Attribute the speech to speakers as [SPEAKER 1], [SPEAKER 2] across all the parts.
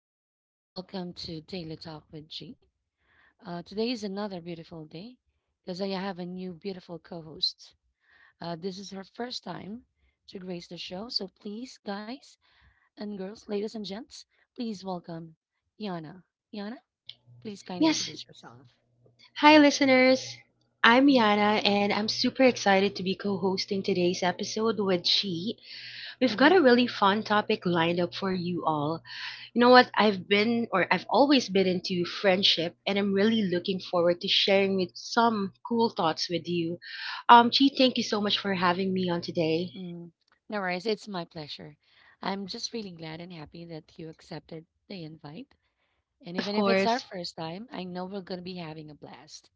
[SPEAKER 1] everyone, and welcome to Daily Talk with G. Today is another beautiful day because I have a new beautiful co host. This is her first time to grace the show. So please, guys and girls, ladies and gents, please welcome Yana. Yana, please kindly
[SPEAKER 2] Yes.
[SPEAKER 1] introduce yourself.
[SPEAKER 2] Hi, listeners. I'm
[SPEAKER 1] Hmm.
[SPEAKER 2] Yana, and I'm super excited to be co hosting today's episode with She. We've got
[SPEAKER 1] Hmm.
[SPEAKER 2] a really fun topic lined up for you all. You know what? I've always been into friendship, and I'm really looking forward to sharing with some cool thoughts with you. Chi, thank you so much for having me on today.
[SPEAKER 1] Hmm. No worries, it's my pleasure. I'm just really glad and happy that you accepted the invite. And
[SPEAKER 2] Of
[SPEAKER 1] even if it's our
[SPEAKER 2] course.
[SPEAKER 1] first time, I know we're going to be having a blast.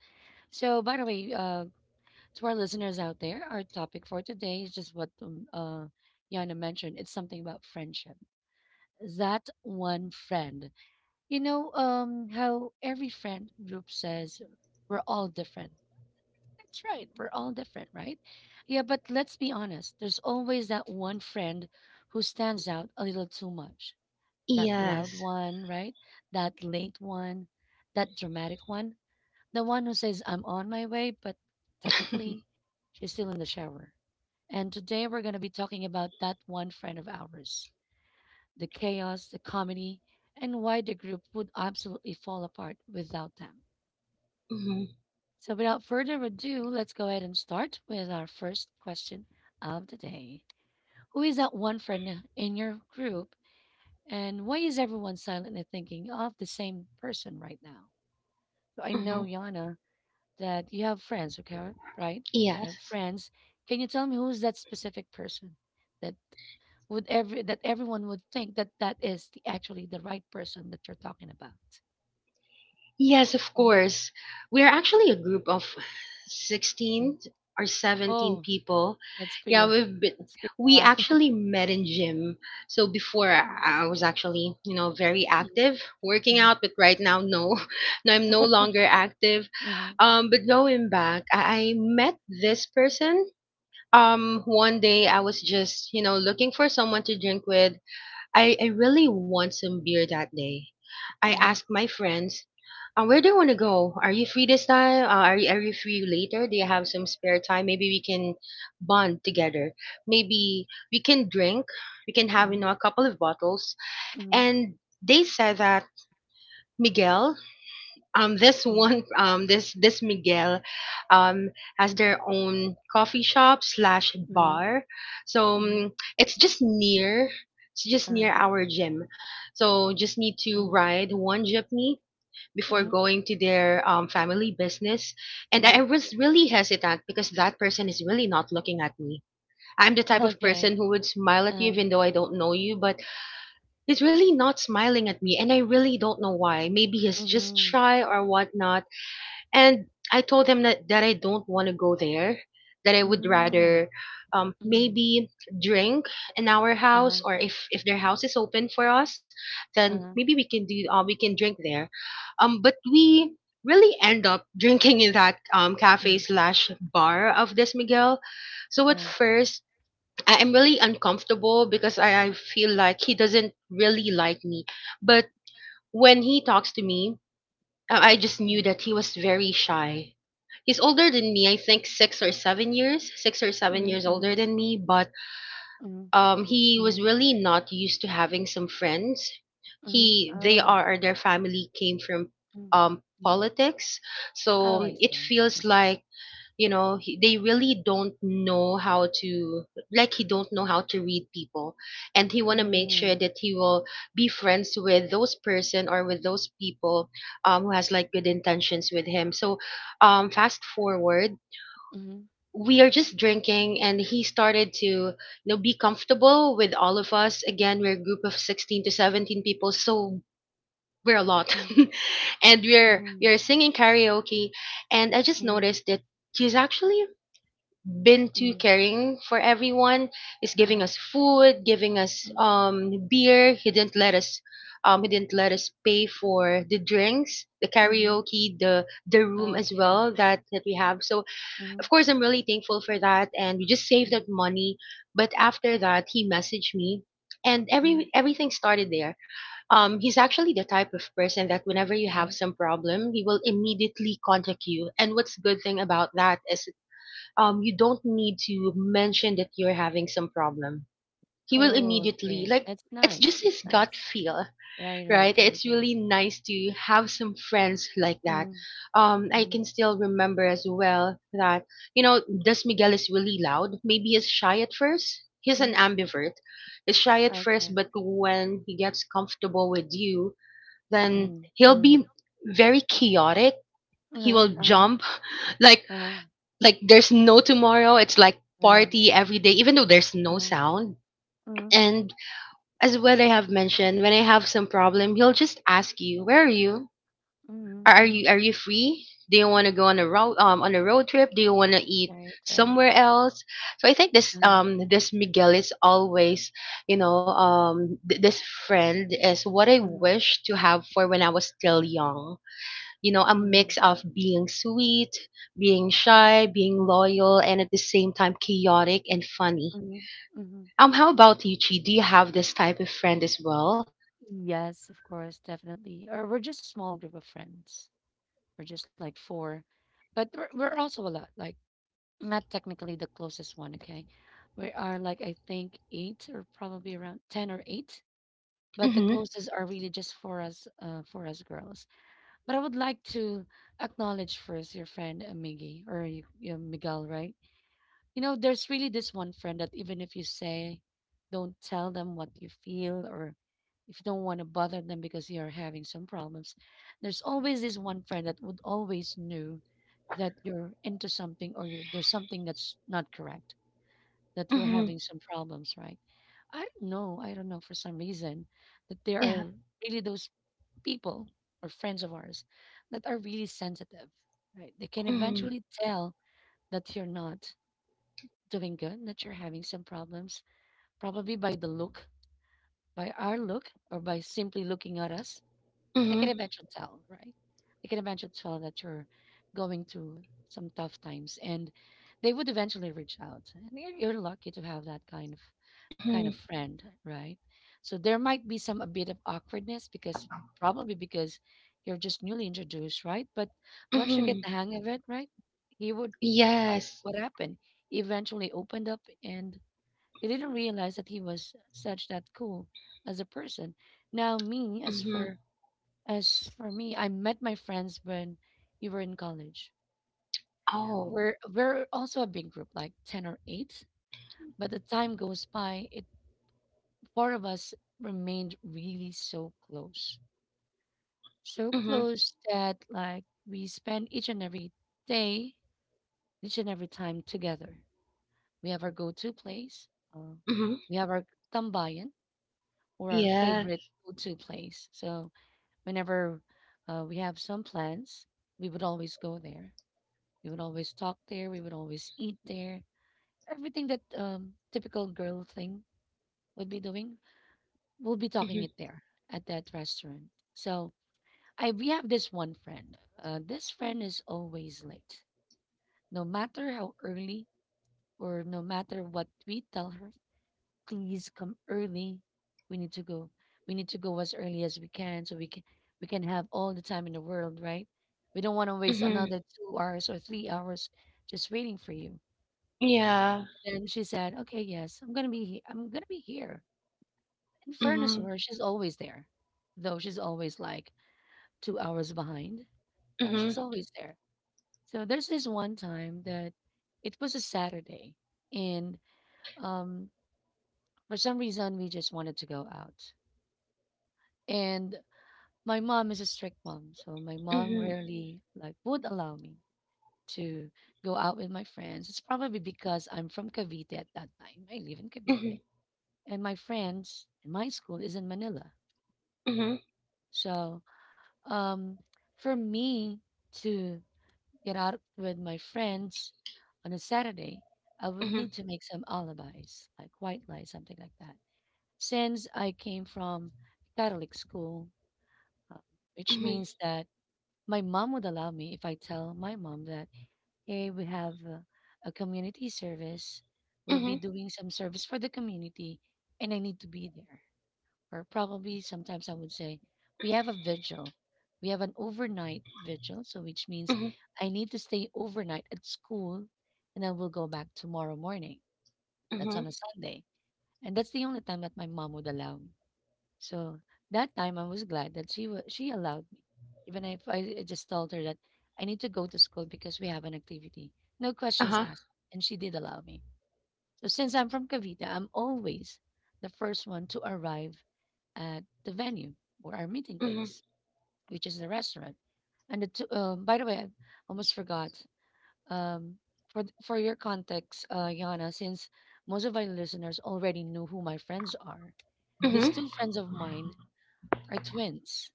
[SPEAKER 1] So, by the way, to our listeners out there, our topic for today is just what Yana mentioned. It's something about friendship. That one friend. How every friend group says we're all different. That's right. We're all different, right? Yeah, but let's be honest. There's always that one friend who stands out a little too much. That loud
[SPEAKER 2] Yes.
[SPEAKER 1] one, right? That late one, that dramatic one, the one who says, I'm on my way, but technically she's still in the shower. And today we're going to be talking about that one friend of ours, the chaos, the comedy, and why the group would absolutely fall apart without them.
[SPEAKER 2] Mm-hmm.
[SPEAKER 1] So, without further ado, let's go ahead and start with our first question of the day. Who is that one friend in your group, and why is everyone silently thinking of the same person right now? So, I
[SPEAKER 2] Mm-hmm.
[SPEAKER 1] know, Yana, that you have friends, okay, right? You have
[SPEAKER 2] Yes.
[SPEAKER 1] friends. Can you tell me who's that specific person that that everyone would think that is actually the right person that you're talking about?
[SPEAKER 2] Yes, of
[SPEAKER 1] Mhm.
[SPEAKER 2] course. We're actually a group of
[SPEAKER 1] Mm.
[SPEAKER 2] 16 or 17
[SPEAKER 1] Oh,
[SPEAKER 2] people.
[SPEAKER 1] that's pretty.
[SPEAKER 2] Yeah,
[SPEAKER 1] That's pretty a
[SPEAKER 2] we
[SPEAKER 1] lot.
[SPEAKER 2] actually met in gym. So before I was actually, very
[SPEAKER 1] Mhm.
[SPEAKER 2] active working out, but right now, no, no, I'm no longer active.
[SPEAKER 1] Mhm.
[SPEAKER 2] But going back, I met this person. One day I was just, looking for someone to drink with. I really want some beer that day. I
[SPEAKER 1] Mhm.
[SPEAKER 2] asked my friends, where do you want to go? Are you free this time? Are you free later? Do you have some spare time? Maybe we can bond together. Maybe we can drink. We can have
[SPEAKER 1] Mhm.
[SPEAKER 2] a couple of bottles.
[SPEAKER 1] Mhm.
[SPEAKER 2] And they said that Miguel, this
[SPEAKER 1] Mhm. Mhm.
[SPEAKER 2] one, this Miguel, um, has their own coffee shop slash
[SPEAKER 1] Mhm.
[SPEAKER 2] bar. So,
[SPEAKER 1] Mhm.
[SPEAKER 2] it's just near. It's just
[SPEAKER 1] uh,
[SPEAKER 2] near our gym. So just need to
[SPEAKER 1] mhm.
[SPEAKER 2] ride one jeepney before
[SPEAKER 1] Mhm.
[SPEAKER 2] going to their family business. And
[SPEAKER 1] Mhm.
[SPEAKER 2] I was really hesitant because that person is really not looking at me. I'm the type of
[SPEAKER 1] Okay.
[SPEAKER 2] person who would smile at you
[SPEAKER 1] Uh,
[SPEAKER 2] even though I don't know you, but he's really not smiling at me. And I really don't know why. Maybe he's just
[SPEAKER 1] mhm.
[SPEAKER 2] shy or whatnot. And I told him that I don't want to go there, that I would
[SPEAKER 1] Mhm.
[SPEAKER 2] rather,
[SPEAKER 1] Mhm.
[SPEAKER 2] maybe drink in our
[SPEAKER 1] uh,
[SPEAKER 2] house, or if their house is open for us, then
[SPEAKER 1] uh,
[SPEAKER 2] maybe we can drink there. But we really end up drinking in that cafe
[SPEAKER 1] mhm.
[SPEAKER 2] slash bar of this Miguel. So at
[SPEAKER 1] uh,
[SPEAKER 2] first I am really uncomfortable because I feel like he doesn't really like me. But when he talks to me, I just knew
[SPEAKER 1] mhm.
[SPEAKER 2] that he was very shy. He's older than me, I think six or seven
[SPEAKER 1] Mhm.
[SPEAKER 2] years older
[SPEAKER 1] Mhm.
[SPEAKER 2] than me, but
[SPEAKER 1] Mhm.
[SPEAKER 2] he was
[SPEAKER 1] Mhm.
[SPEAKER 2] really not used to having some friends.
[SPEAKER 1] Mhm. Oh.
[SPEAKER 2] Their family came from
[SPEAKER 1] Mm. Mhm.
[SPEAKER 2] politics,
[SPEAKER 1] Oh, I
[SPEAKER 2] so it
[SPEAKER 1] see. I
[SPEAKER 2] feels
[SPEAKER 1] see.
[SPEAKER 2] like they really don't know how to, like, he don't know how to read people, and he want to make
[SPEAKER 1] Mm.
[SPEAKER 2] sure that he will be friends with those person or with those people, who has like good intentions with him. So, fast forward,
[SPEAKER 1] Mhm.
[SPEAKER 2] we are just drinking, and he started to be comfortable with all of us. Again, we're a group of 16 to 17 people, so we're a lot.
[SPEAKER 1] Mm.
[SPEAKER 2] And we're
[SPEAKER 1] Mhm.
[SPEAKER 2] we're singing karaoke, and I just
[SPEAKER 1] Mhm.
[SPEAKER 2] noticed that he's actually been too
[SPEAKER 1] Mm.
[SPEAKER 2] caring for everyone. He's giving
[SPEAKER 1] Uh-huh.
[SPEAKER 2] us food, giving us
[SPEAKER 1] Mm.
[SPEAKER 2] beer. He didn't let us he didn't let us pay for the drinks, the
[SPEAKER 1] Mhm.
[SPEAKER 2] karaoke, the room as
[SPEAKER 1] Okay.
[SPEAKER 2] well that we have. So
[SPEAKER 1] Mhm.
[SPEAKER 2] of course I'm really thankful for that, and we just saved
[SPEAKER 1] Mhm.
[SPEAKER 2] that money. But after that, he messaged me, and
[SPEAKER 1] Mhm.
[SPEAKER 2] everything started there. He's actually the type of person that whenever you have
[SPEAKER 1] Mhm.
[SPEAKER 2] some problem, he will immediately contact you. And what's good thing about that is, you don't need to mention that you're having some problem. He will
[SPEAKER 1] Oh,
[SPEAKER 2] immediately,
[SPEAKER 1] okay.
[SPEAKER 2] like,
[SPEAKER 1] That's
[SPEAKER 2] it's
[SPEAKER 1] nice.
[SPEAKER 2] just
[SPEAKER 1] That's
[SPEAKER 2] his gut
[SPEAKER 1] nice.
[SPEAKER 2] feel,
[SPEAKER 1] Right, right,
[SPEAKER 2] right?
[SPEAKER 1] right,
[SPEAKER 2] It's
[SPEAKER 1] right.
[SPEAKER 2] really nice to have some friends like that.
[SPEAKER 1] Mhm.
[SPEAKER 2] I can
[SPEAKER 1] Mhm.
[SPEAKER 2] still remember as well that, Des Miguel is really loud. Maybe he's shy at first. He's an
[SPEAKER 1] Mhm.
[SPEAKER 2] ambivert. He's shy at first,
[SPEAKER 1] Okay.
[SPEAKER 2] but when he gets comfortable with you, then
[SPEAKER 1] Mhm.
[SPEAKER 2] he'll
[SPEAKER 1] Mhm.
[SPEAKER 2] be very chaotic. He
[SPEAKER 1] Uh-huh.
[SPEAKER 2] will
[SPEAKER 1] Uh-huh.
[SPEAKER 2] jump like like there's no tomorrow. It's like
[SPEAKER 1] uh
[SPEAKER 2] party every day, even though there's no
[SPEAKER 1] Uh-huh.
[SPEAKER 2] sound.
[SPEAKER 1] Mhm.
[SPEAKER 2] And as what I have mentioned, when I have some problem, he'll just ask you, where are you
[SPEAKER 1] Mhm.
[SPEAKER 2] are, are you
[SPEAKER 1] Mhm.
[SPEAKER 2] are you free? Do you want to go on a road trip? Do you want to eat
[SPEAKER 1] Right, right.
[SPEAKER 2] somewhere else? So I think this
[SPEAKER 1] Uh-huh.
[SPEAKER 2] um this Miguel is always, this friend is what I
[SPEAKER 1] Mhm.
[SPEAKER 2] wish to have for when I was still young. A
[SPEAKER 1] Mhm.
[SPEAKER 2] mix of being sweet, being shy, being loyal, and at the same time chaotic and funny.
[SPEAKER 1] Mhm. Mhm.
[SPEAKER 2] How about you, Chi? Do you have this type of friend as well?
[SPEAKER 1] Yes, of course, definitely. Or we're just a small group of friends. We're just like four, but we're also a lot. Like not technically the closest one. Okay, we are like I think eight or probably around 10 or eight. But the
[SPEAKER 2] Mm-hmm.
[SPEAKER 1] closest are really just for us girls. But I would like to acknowledge first your friend Miggy or Miguel, right? There's really this one friend that even if you say, don't tell them what you feel, or if you don't want to bother them because you're having some problems, there's always this one friend that would always know that you're into something there's something that's not correct, that you're
[SPEAKER 2] Mm-hmm.
[SPEAKER 1] having some problems, right? I don't know. I don't know for some reason that there
[SPEAKER 2] Yeah.
[SPEAKER 1] are really those people or friends of ours that are really sensitive, right? They can
[SPEAKER 2] Mm-hmm.
[SPEAKER 1] eventually tell that you're not doing good, that you're having some problems, probably by the look, by our look, or by simply looking at us, they
[SPEAKER 2] Mm-hmm.
[SPEAKER 1] can eventually tell, right? They can eventually tell that you're going through some tough times, and they would eventually reach out. And you're lucky to have that kind of
[SPEAKER 2] Mm-hmm.
[SPEAKER 1] friend, right? So there might be some a bit of awkwardness because probably because you're just newly introduced, right? But once you get
[SPEAKER 2] Mm-hmm.
[SPEAKER 1] the hang of it, right, he would like
[SPEAKER 2] Yes.
[SPEAKER 1] what happened. He eventually opened up and they didn't realize that he was such that cool as a person. Now me, as
[SPEAKER 2] Mm-hmm.
[SPEAKER 1] for as for me, I met my friends when we were in college.
[SPEAKER 2] Oh.
[SPEAKER 1] We're also a big group, like 10 or eight. But the time goes by, it four of us remained really so close. So
[SPEAKER 2] Mm-hmm.
[SPEAKER 1] close that like we spend each and every day, each and every time together. We have our go-to place. Uh,
[SPEAKER 2] Mm-hmm.
[SPEAKER 1] we have our tambayan or our
[SPEAKER 2] Yeah.
[SPEAKER 1] favorite go-to place. So whenever we have some plans, we would always go there. We would always talk there. We would always eat there. Everything that typical girl thing would be doing, we'll be
[SPEAKER 2] Mm-hmm.
[SPEAKER 1] talking it there at that restaurant. So I we have this one friend. This friend is always late, no matter how early or no matter what we tell her. Please come early. We need to go. We need to go as early as we can so we can have all the time in the world, right? We don't want to waste
[SPEAKER 2] Mm-hmm.
[SPEAKER 1] another 2 hours or 3 hours just waiting for you.
[SPEAKER 2] Yeah.
[SPEAKER 1] And then she said, okay, yes, I'm gonna be here. In fairness
[SPEAKER 2] Mm-hmm.
[SPEAKER 1] to her, she's always there. Though she's always like 2 hours behind.
[SPEAKER 2] Mm-hmm.
[SPEAKER 1] She's always there. So there's this one time that it was a Saturday and um for some reason we just wanted to go out. And my mom is a strict mom, so my mom
[SPEAKER 2] Mm-hmm.
[SPEAKER 1] rarely like would allow me to go out with my friends. It's probably because I'm from Cavite at that time. I live in Cavite,
[SPEAKER 2] Mm-hmm.
[SPEAKER 1] and my friends and my school is in Manila.
[SPEAKER 2] Mm-hmm.
[SPEAKER 1] So, um, for me to get out with my friends on a Saturday, I would
[SPEAKER 2] Mm-hmm.
[SPEAKER 1] need to make some alibis, like white lies, something like that. Since I came from Catholic school, uh, which
[SPEAKER 2] Mm-hmm.
[SPEAKER 1] means that my mom would allow me if I tell my mom that, hey, we have a community service. We'll be doing some service for the community and I need to be there. Or probably sometimes I would say, we have a vigil. We have an overnight vigil. So, which means
[SPEAKER 2] Mm-hmm.
[SPEAKER 1] I need to stay overnight at school and then we'll go back tomorrow morning. That's
[SPEAKER 2] Mm-hmm.
[SPEAKER 1] on a Sunday. And that's the only time that my mom would allow me. So that time I was glad that she allowed me, even if I just told her that I need to go to school because we have an activity. No questions
[SPEAKER 2] Uh-huh.
[SPEAKER 1] asked, and she did allow me. So since I'm from Cavite, I'm always the first one to arrive at the venue or our meeting
[SPEAKER 2] Mm-hmm.
[SPEAKER 1] place, which is the restaurant. And the two, by the way, I almost forgot. Um, for your context, Yana, since most of our listeners already know who my friends are, these
[SPEAKER 2] Mm-hmm.
[SPEAKER 1] two friends of mine are twins.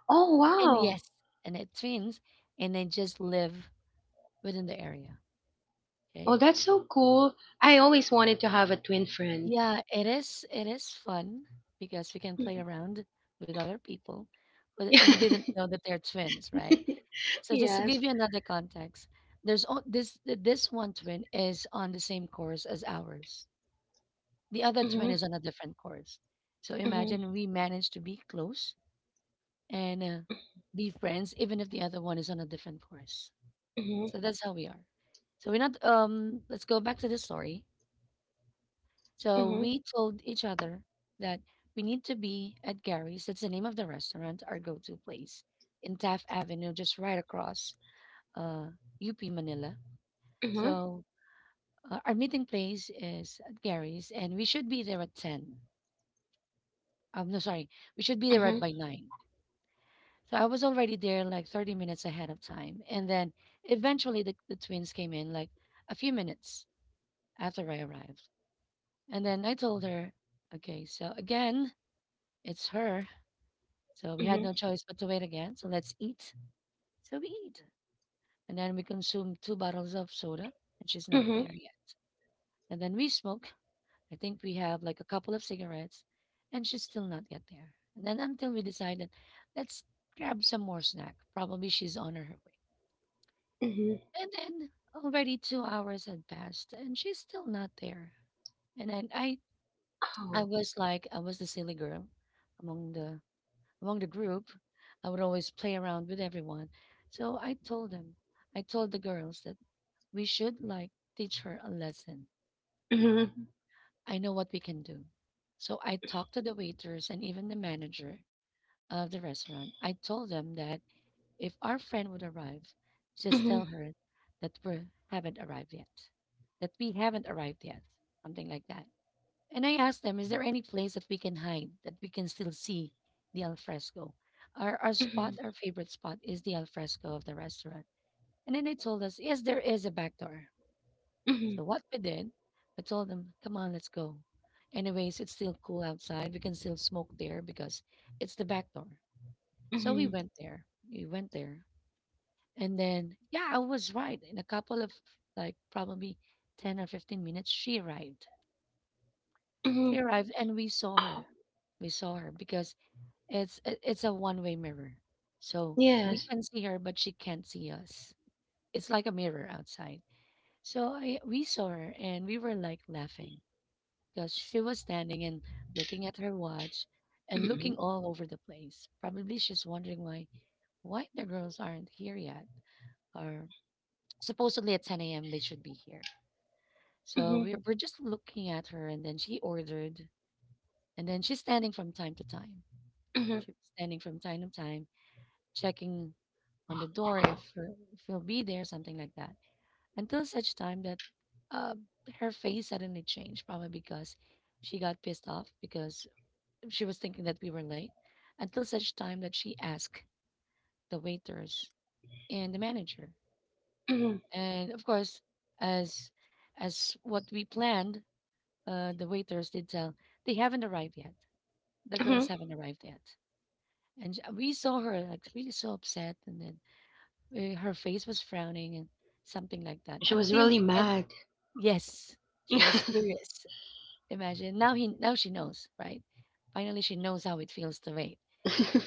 [SPEAKER 2] Oh,
[SPEAKER 1] And
[SPEAKER 2] wow.
[SPEAKER 1] yes, and they twins, and they just live within the area.
[SPEAKER 2] Oh,
[SPEAKER 1] Okay.
[SPEAKER 2] that's so cool. I always wanted to have a twin friend.
[SPEAKER 1] Yeah, it is. It is fun because we can play around with other people who who didn't know that they're twins, right? So just to
[SPEAKER 2] Yes.
[SPEAKER 1] give you another context, there's o- this th- this one twin is on the same course as ours. The other twin
[SPEAKER 2] Mhm.
[SPEAKER 1] is on a different course. So
[SPEAKER 2] Mhm.
[SPEAKER 1] imagine we managed to be close and be friends, even if the other one is on a different course.
[SPEAKER 2] Mhm.
[SPEAKER 1] So that's how we are. So we're not let's go back to the story. So
[SPEAKER 2] Mhm.
[SPEAKER 1] we told each other that we need to be at Gary's. That's the name of the restaurant, our go-to place in Taft Avenue, just right across uh UP Manila.
[SPEAKER 2] Mhm.
[SPEAKER 1] So, our meeting place is at Gary's and we should be there at 10. No, sorry, we should be there right
[SPEAKER 2] Mhm.
[SPEAKER 1] by 9. So I was already there like 30 minutes ahead of time and then eventually the twins came in like a few minutes after I arrived. And then I told her, okay, so again, it's her. So we had
[SPEAKER 2] Mhm.
[SPEAKER 1] no choice but to wait again. So let's eat. So we eat. And then we consume two bottles of soda, and she's not
[SPEAKER 2] Mhm.
[SPEAKER 1] there yet. And then we smoke. I think we have like a couple of cigarettes, and she's still not yet there. And then until we decided, let's grab some more snack. Probably she's on her way.
[SPEAKER 2] Mhm.
[SPEAKER 1] And then already 2 hours had passed, and she's still not there. And then I
[SPEAKER 2] Oh.
[SPEAKER 1] was like, I was the silly girl among the among the group. I would always play around with everyone. So I told them, I told the girls that we should like teach her a lesson.
[SPEAKER 2] Mhm.
[SPEAKER 1] I know what we can do. So I talked to the waiters and even the manager of the restaurant. I told them that if our friend would arrive, just tell
[SPEAKER 2] Mhm.
[SPEAKER 1] her that we haven't arrived yet, that we haven't arrived yet, something like that. And I asked them, is there any place that we can hide that we can still see the alfresco? Our spot,
[SPEAKER 2] Mhm.
[SPEAKER 1] our favorite spot is the alfresco of the restaurant. And then they told us, yes, there is a back door.
[SPEAKER 2] Mhm.
[SPEAKER 1] So what we did, I told them, come on, let's go. Anyways, it's still cool outside. We can still smoke there because it's the back door. So we
[SPEAKER 2] Mhm.
[SPEAKER 1] went there. We went there. And then, yeah, I was right. In a couple of like probably 10 or 15 minutes, she arrived. She
[SPEAKER 2] Mhm.
[SPEAKER 1] arrived and we saw her.
[SPEAKER 2] Oh.
[SPEAKER 1] We saw her because it's a one-way mirror. So we
[SPEAKER 2] Yes.
[SPEAKER 1] can see her, but she can't see us. It's like a mirror outside. So I we saw her and we were like laughing because she was standing and looking at her watch and looking
[SPEAKER 2] Mhm.
[SPEAKER 1] all over the place. Probably she's wondering why the girls aren't here yet. Or supposedly at 10 a.m. they should be here. So
[SPEAKER 2] Mhm.
[SPEAKER 1] we're just looking at her, and then she ordered, and then she's standing from time to time.
[SPEAKER 2] Mhm.
[SPEAKER 1] She was standing from time to time, checking on the door if he'll be there, something like that. Until such time that uh, her face suddenly changed, probably because she got pissed off because she was thinking that we were late. Until such time that she asked the waiters and the manager,
[SPEAKER 2] Mhm.
[SPEAKER 1] and of course, as what we planned, the waiters did tell they haven't arrived yet. The girls
[SPEAKER 2] Mhm.
[SPEAKER 1] haven't arrived yet, and we saw her like really so upset, and then her face was frowning and something like that
[SPEAKER 2] She was
[SPEAKER 1] until
[SPEAKER 2] really
[SPEAKER 1] we can
[SPEAKER 2] mad.
[SPEAKER 1] yes, she was furious. Imagine now she knows, right? Finally, she knows how it feels to wait.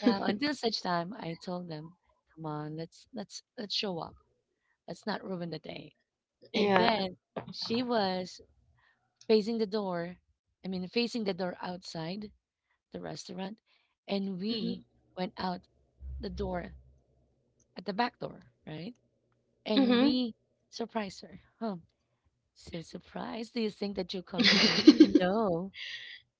[SPEAKER 1] Now, until such time, I told them, "Come on, let's show up. Let's not ruin the day." And
[SPEAKER 2] Yeah.
[SPEAKER 1] then she was facing the door. I mean, facing the door outside the restaurant, and
[SPEAKER 2] Mhm.
[SPEAKER 1] we went out the door at the back door, right? And
[SPEAKER 2] Mhm.
[SPEAKER 1] we surprised her. Huh. So surprised. Do you think that you come in early? No.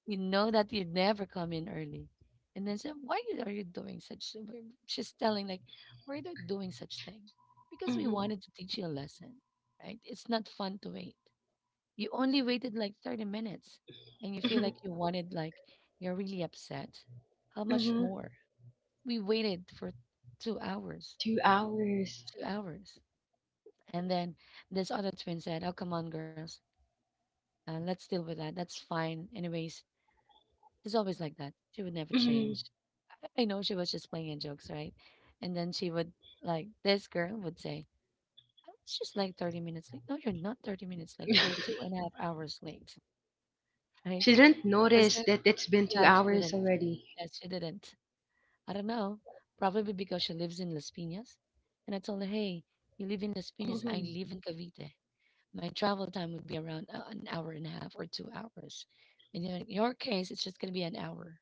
[SPEAKER 1] You know that you never come in early. And then said, are you doing such? So she's telling like, we're not doing such thing because we
[SPEAKER 2] Mhm.
[SPEAKER 1] wanted to teach you a lesson, right? It's not fun to wait. You only waited like 30 minutes and you feel
[SPEAKER 2] Mhm.
[SPEAKER 1] like you wanted like, you're really upset. How much
[SPEAKER 2] Mhm.
[SPEAKER 1] more? We waited for two hours,
[SPEAKER 2] 2 hours.
[SPEAKER 1] 2 hours. And then this other twin said, oh, come on, girls. Let's deal with that. That's fine. Anyways, she's always like that. She would never
[SPEAKER 2] Mhm.
[SPEAKER 1] change. I know she was just playing in jokes, right? And then she would like this girl would say, "I was just like 30 minutes late." No, you're not 30 minutes late. You're 2.5 hours late, right?
[SPEAKER 2] She didn't
[SPEAKER 1] Because,
[SPEAKER 2] notice that it's been two
[SPEAKER 1] yeah, she
[SPEAKER 2] hours
[SPEAKER 1] didn't.
[SPEAKER 2] already.
[SPEAKER 1] Yeah, she didn't. I don't know. Probably because she lives in Las Piñas. And I told her, "Hey, you live in Las Piñas. I
[SPEAKER 2] Hmm.
[SPEAKER 1] live in Cavite. My travel time would be around an hour and a half or 2 hours. And then in your case, it's just gonna be an hour.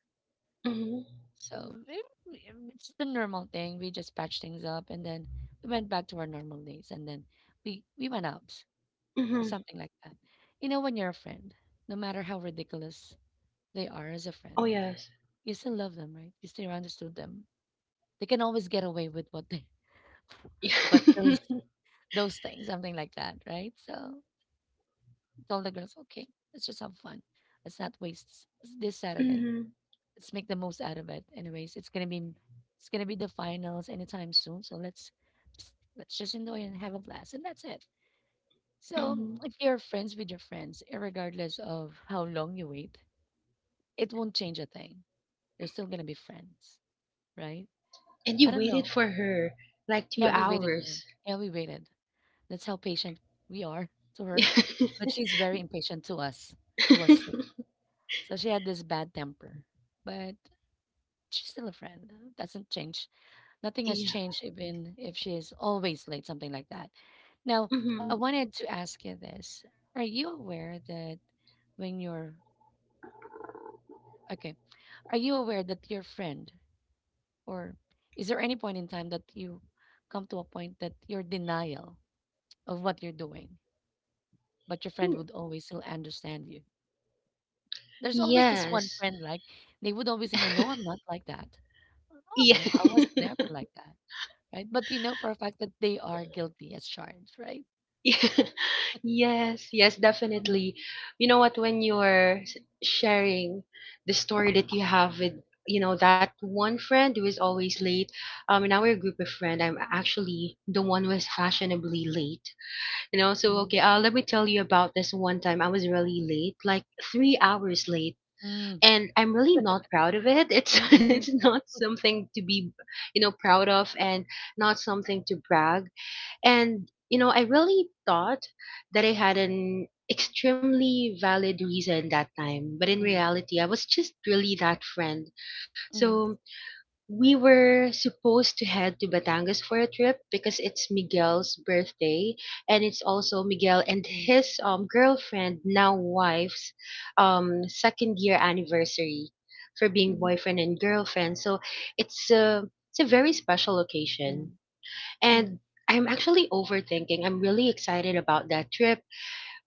[SPEAKER 2] Hmm.
[SPEAKER 1] So it, it's the normal thing. We just patched things up, and then we went back to our normal days, and then we went out. So
[SPEAKER 2] Hmm.
[SPEAKER 1] something like that. You know, when you're a friend, no matter how ridiculous they are as a
[SPEAKER 2] Oh,
[SPEAKER 1] friend,
[SPEAKER 2] yes.
[SPEAKER 1] you still love them, right? You still understood them. They can always get away with what they what those things, something like that, right? So told the girls, okay, let's just have fun. Let's not waste this
[SPEAKER 2] Hmm.
[SPEAKER 1] Saturday.
[SPEAKER 2] Hmm.
[SPEAKER 1] Let's make the most out of it. Anyways, it's gonna be the finals anytime soon. So let's just enjoy and have a blast, and that's it. So if you're friends with your friends, regardless of how long you wait, it won't change a thing. You're still gonna be friends, right?
[SPEAKER 2] And you
[SPEAKER 1] I don't know.
[SPEAKER 2] waited for her like two
[SPEAKER 1] Yeah, we waited for her.
[SPEAKER 2] hours.
[SPEAKER 1] Yeah, we waited. That's how patient we are to her. But
[SPEAKER 2] Yeah.
[SPEAKER 1] she's very impatient to us, to us so she had this bad temper, but she's still a friend. Huh? Doesn't change. Nothing has changed even if she is always late, something like that. Now, I
[SPEAKER 2] Hmm.
[SPEAKER 1] wanted to ask you this. Are you aware that when you're okay, are you aware that your friend or is there any point in time that you come to a point that your denial of what you're doing, but your friend would always still understand you? There's always this one
[SPEAKER 2] Yes.
[SPEAKER 1] friend like they would always say, no, no, I'm not like that. Oh, no,
[SPEAKER 2] Yeah.
[SPEAKER 1] I was never like that, right? But you know for a fact that they are guilty as charged, right?
[SPEAKER 2] Yes, yes,
[SPEAKER 1] Mm,
[SPEAKER 2] definitely. You know what, when you're sharing the story that you have with, that one friend who is always late, in our group of friend, I'm actually the one who is fashionably late. You know,
[SPEAKER 1] mhm,
[SPEAKER 2] so,
[SPEAKER 1] mhm,
[SPEAKER 2] okay, let me tell you about this one time I was really late, like 3 hours late,
[SPEAKER 1] mm,
[SPEAKER 2] and I'm really not proud of it. It's it's
[SPEAKER 1] mm,
[SPEAKER 2] not something to be, proud of, and not something to brag and, I really thought that I had an extremely valid reason that time. But in
[SPEAKER 1] mm,
[SPEAKER 2] reality, I was just really that friend.
[SPEAKER 1] mm,
[SPEAKER 2] So we were supposed to head to Batangas for a trip because it's Miguel's birthday. And it's also Miguel and
[SPEAKER 1] mm, mm,
[SPEAKER 2] his, girlfriend, now wife's, second year anniversary for
[SPEAKER 1] mm,
[SPEAKER 2] being
[SPEAKER 1] mm,
[SPEAKER 2] boyfriend and girlfriend. So it's a very special occasion,
[SPEAKER 1] mm,
[SPEAKER 2] and I'm actually overthinking. I'm really excited about that trip,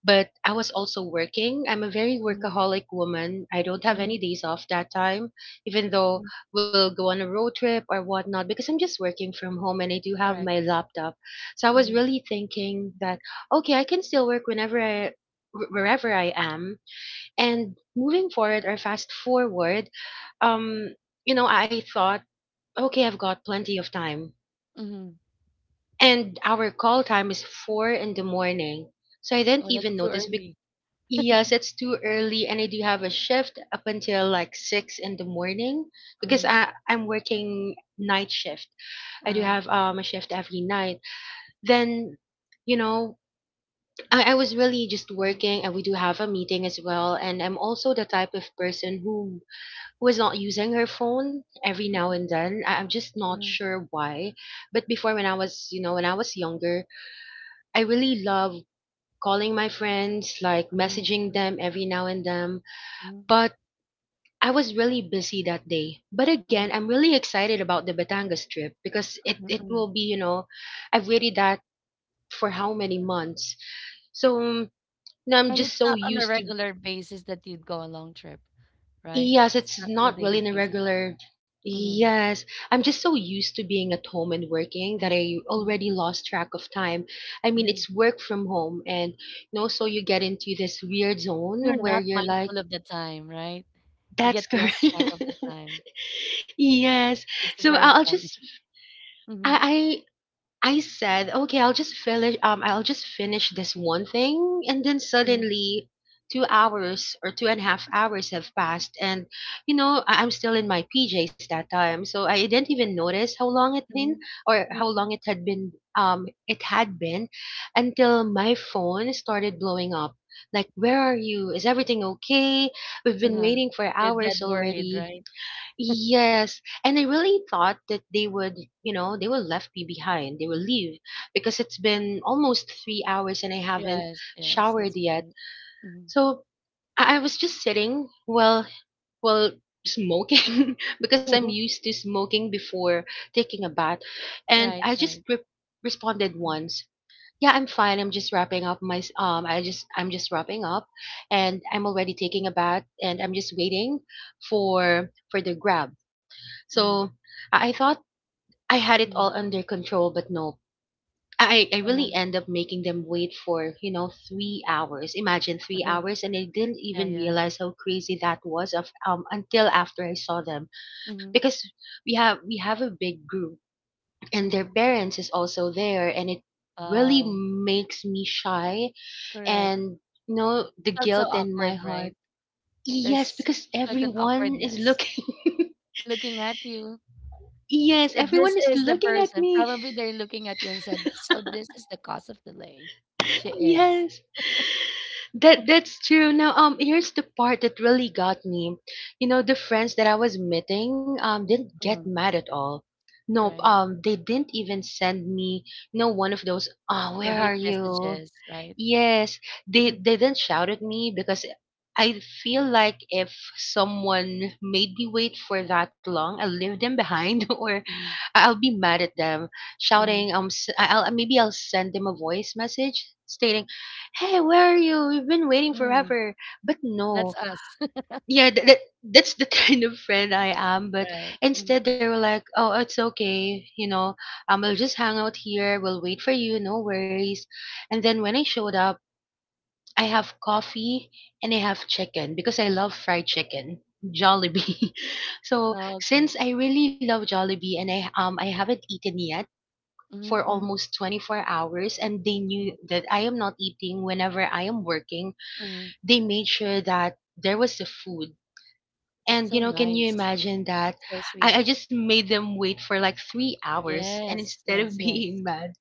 [SPEAKER 2] but I was also working. I'm a very
[SPEAKER 1] mm,
[SPEAKER 2] workaholic woman. I don't have
[SPEAKER 1] mm,
[SPEAKER 2] any days off that time, even though
[SPEAKER 1] mm,
[SPEAKER 2] we'll go on a road trip or whatnot, because I'm just working from home and I do have
[SPEAKER 1] correct.
[SPEAKER 2] my laptop. So I was
[SPEAKER 1] Mm,
[SPEAKER 2] really thinking that, okay, I can still work whenever Wherever I am, and moving forward or fast forward, um, I thought, okay, I've got plenty of time,
[SPEAKER 1] mm.
[SPEAKER 2] and our call time is 4 in the morning. So I didn't
[SPEAKER 1] Oh, that's
[SPEAKER 2] even
[SPEAKER 1] too
[SPEAKER 2] notice.
[SPEAKER 1] early.
[SPEAKER 2] Yes, it's too early, and I do have a shift up until like 6 in the morning because
[SPEAKER 1] Mm,
[SPEAKER 2] I'm working night shift. I do
[SPEAKER 1] uh,
[SPEAKER 2] have a shift every night. Then, you know, I was really just
[SPEAKER 1] mm,
[SPEAKER 2] working, and we do have a meeting as well. And I'm also the type of person who is not using her phone every now
[SPEAKER 1] mm,
[SPEAKER 2] and then. I'm just not
[SPEAKER 1] mm,
[SPEAKER 2] sure why. But before, when I was you know when I was younger. I really love calling my friends, like
[SPEAKER 1] mm,
[SPEAKER 2] messaging
[SPEAKER 1] mm,
[SPEAKER 2] them every now and then,
[SPEAKER 1] mm,
[SPEAKER 2] but I was really busy that day. But again,
[SPEAKER 1] mm,
[SPEAKER 2] I'm really excited about the Batangas trip because it
[SPEAKER 1] mm,
[SPEAKER 2] will be, I've waited that for how many
[SPEAKER 1] mm.
[SPEAKER 2] months. So, now I'm
[SPEAKER 1] And it's
[SPEAKER 2] just so
[SPEAKER 1] not on a
[SPEAKER 2] used to.
[SPEAKER 1] regular basis that you'd go a long trip, right?
[SPEAKER 2] Yes,
[SPEAKER 1] It's
[SPEAKER 2] it's
[SPEAKER 1] not on a
[SPEAKER 2] not really
[SPEAKER 1] daily
[SPEAKER 2] an
[SPEAKER 1] basis.
[SPEAKER 2] irregular. Yes, I'm just so used to being at home and working that I
[SPEAKER 1] Mm-hmm.
[SPEAKER 2] already lost track of time. I mean, it's work from home, and so you get into this weird
[SPEAKER 1] You're
[SPEAKER 2] zone where
[SPEAKER 1] not
[SPEAKER 2] you're like,
[SPEAKER 1] mindful of the time, right? You
[SPEAKER 2] that's
[SPEAKER 1] get
[SPEAKER 2] correct.
[SPEAKER 1] lost track of the time.
[SPEAKER 2] Yes.
[SPEAKER 1] It's
[SPEAKER 2] So
[SPEAKER 1] very common. Mhm,
[SPEAKER 2] I, I said, okay, I'll just finish this one thing, and then
[SPEAKER 1] mhm,
[SPEAKER 2] suddenly 2 hours or 2.5 hours have passed, and I'm still in my PJs that time, so I didn't even notice
[SPEAKER 1] mhm,
[SPEAKER 2] how long it had been until my phone started blowing up, like, where are you, is everything okay, we've been
[SPEAKER 1] mhm,
[SPEAKER 2] waiting for
[SPEAKER 1] they you're dead
[SPEAKER 2] hours
[SPEAKER 1] worried,
[SPEAKER 2] already.
[SPEAKER 1] right?
[SPEAKER 2] Yes, and I really thought that they would, you know, they will left me behind. They will leave because it's been almost 3 hours and I haven't
[SPEAKER 1] Yes, yes,
[SPEAKER 2] showered
[SPEAKER 1] that's
[SPEAKER 2] yet.
[SPEAKER 1] right. Mhm.
[SPEAKER 2] So I was just sitting, well, smoking because I'm used to smoking before taking a bath, and
[SPEAKER 1] Right,
[SPEAKER 2] I just
[SPEAKER 1] right.
[SPEAKER 2] responded
[SPEAKER 1] Mm,
[SPEAKER 2] once. Yeah, I'm fine. I'm just wrapping up my. I'm just wrapping up, and I'm already taking a bath, and I'm just waiting for the grab, so
[SPEAKER 1] mm,
[SPEAKER 2] I thought I had it
[SPEAKER 1] mm,
[SPEAKER 2] all under control, but no. I
[SPEAKER 1] uh-huh,
[SPEAKER 2] really end up making them wait for, you know, 3 hours. Imagine three
[SPEAKER 1] uh-huh.
[SPEAKER 2] hours. And I didn't
[SPEAKER 1] Yeah,
[SPEAKER 2] even
[SPEAKER 1] yeah.
[SPEAKER 2] realize how crazy that was of, until after I saw them.
[SPEAKER 1] Mhm,
[SPEAKER 2] Because we have a big group and their
[SPEAKER 1] mhm.
[SPEAKER 2] parents is also there and it really
[SPEAKER 1] Wow,
[SPEAKER 2] makes me shy
[SPEAKER 1] correct.
[SPEAKER 2] and you know the
[SPEAKER 1] Felt so
[SPEAKER 2] guilt in my
[SPEAKER 1] awkward, right?
[SPEAKER 2] heart. Yes,
[SPEAKER 1] There's
[SPEAKER 2] because
[SPEAKER 1] certain
[SPEAKER 2] everyone is
[SPEAKER 1] awkwardness
[SPEAKER 2] looking
[SPEAKER 1] looking at you.
[SPEAKER 2] Yes,
[SPEAKER 1] So
[SPEAKER 2] everyone
[SPEAKER 1] this
[SPEAKER 2] is
[SPEAKER 1] is the
[SPEAKER 2] looking at
[SPEAKER 1] person.
[SPEAKER 2] me.
[SPEAKER 1] Probably they're looking at you and said, "So this is the cause of delay." She is.
[SPEAKER 2] Yes. That's true. Now, here's the part that really got me. You know, the friends that I was meeting didn't get
[SPEAKER 1] Mm,
[SPEAKER 2] mad at all. Nope.
[SPEAKER 1] right?
[SPEAKER 2] They didn't even send me, you know, one of those, "Ah,
[SPEAKER 1] No
[SPEAKER 2] where
[SPEAKER 1] hate
[SPEAKER 2] are you?"
[SPEAKER 1] messages, right?
[SPEAKER 2] Yes, they they didn't shout at me because I feel like if someone made me wait for that long, I leave them behind or
[SPEAKER 1] Mm,
[SPEAKER 2] I'll be mad at them,
[SPEAKER 1] mm,
[SPEAKER 2] shouting. S- I- I'll Maybe I'll send them a voice message stating, "Hey, where are you? We've been waiting
[SPEAKER 1] mm.
[SPEAKER 2] forever." But
[SPEAKER 1] That's
[SPEAKER 2] no,
[SPEAKER 1] us,
[SPEAKER 2] yeah, that's the kind of friend I am. But
[SPEAKER 1] right? Mm,
[SPEAKER 2] instead, they were like, "Oh, it's okay. You know, we'll just hang out here. We'll wait for you. No worries." And then when I showed up, I have coffee and I have chicken because I love fried chicken.
[SPEAKER 1] mm.
[SPEAKER 2] Jollibee. So
[SPEAKER 1] Oh, okay.
[SPEAKER 2] since I really love Jollibee and I haven't eaten yet for
[SPEAKER 1] Mm, mm,
[SPEAKER 2] almost 24 hours, and they
[SPEAKER 1] mm,
[SPEAKER 2] knew that I am not eating whenever I am working.
[SPEAKER 1] mm.
[SPEAKER 2] They made sure that there was the food.
[SPEAKER 1] That's
[SPEAKER 2] And you
[SPEAKER 1] so
[SPEAKER 2] know, can you
[SPEAKER 1] nice.
[SPEAKER 2] imagine that?
[SPEAKER 1] So sweet.
[SPEAKER 2] I just made them wait for like 3 hours, and
[SPEAKER 1] Yes,
[SPEAKER 2] instead of
[SPEAKER 1] yes, yes.
[SPEAKER 2] being mad,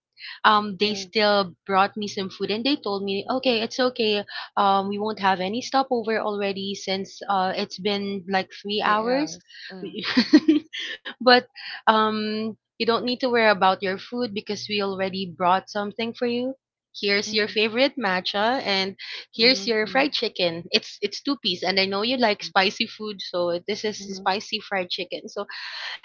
[SPEAKER 2] um, they
[SPEAKER 1] Mm,
[SPEAKER 2] still brought me some food, and they told me,
[SPEAKER 1] mm.
[SPEAKER 2] okay, it's okay, um, we won't have any stopover already since it's been like three
[SPEAKER 1] Three
[SPEAKER 2] hours
[SPEAKER 1] hours. Uh,
[SPEAKER 2] We- but you don't need to worry about your food because we already brought something for you. Here's your
[SPEAKER 1] mm,
[SPEAKER 2] favorite matcha, and here's
[SPEAKER 1] mm,
[SPEAKER 2] your fried
[SPEAKER 1] mm,
[SPEAKER 2] chicken. It's two piece, and I know you like
[SPEAKER 1] mm,
[SPEAKER 2] spicy food, so this is
[SPEAKER 1] mm.
[SPEAKER 2] spicy fried chicken. So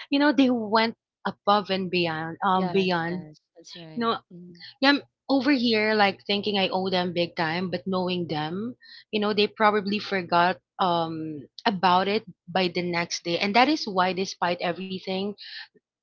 [SPEAKER 2] you know they went above and beyond, um
[SPEAKER 1] Yes,
[SPEAKER 2] beyond
[SPEAKER 1] yes. That's right.
[SPEAKER 2] No,
[SPEAKER 1] Mm.
[SPEAKER 2] yeah, I'm over here like thinking I owe them big time, but knowing them, they probably forgot about it by the next day. And that is why despite everything,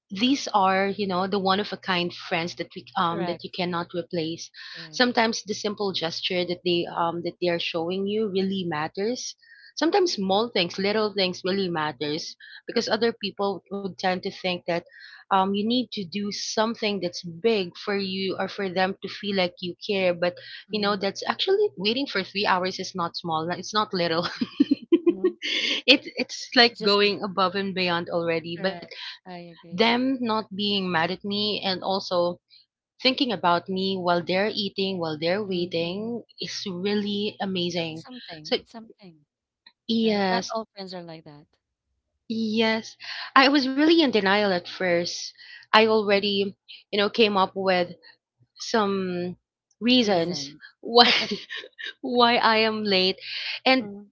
[SPEAKER 2] these are the one of a kind friends that we that
[SPEAKER 1] Correct,
[SPEAKER 2] you cannot replace.
[SPEAKER 1] correct.
[SPEAKER 2] Sometimes the simple gesture that they are showing you really matters. Sometimes small things, little things really matters because other people would tend to think that you need to do something that's big for you or for them to feel like you care. But you know,
[SPEAKER 1] Mm,
[SPEAKER 2] that's actually, waiting for 3 hours is not small, it's not little.
[SPEAKER 1] mm.
[SPEAKER 2] It it's like
[SPEAKER 1] Just of
[SPEAKER 2] going above and beyond already.
[SPEAKER 1] correct. I agree.
[SPEAKER 2] Them not being mad at me and also thinking about me while they're eating, while they're
[SPEAKER 1] Mm-mm.
[SPEAKER 2] waiting is really
[SPEAKER 1] It's
[SPEAKER 2] amazing.
[SPEAKER 1] something.
[SPEAKER 2] So,
[SPEAKER 1] It's something, right? Not
[SPEAKER 2] yes,
[SPEAKER 1] all friends are like that.
[SPEAKER 2] yes. I was really in denial at first. I
[SPEAKER 1] Mm.
[SPEAKER 2] already, you know, came up with some reasons
[SPEAKER 1] Reasons.
[SPEAKER 2] why why I am late. And
[SPEAKER 1] Mm-hmm.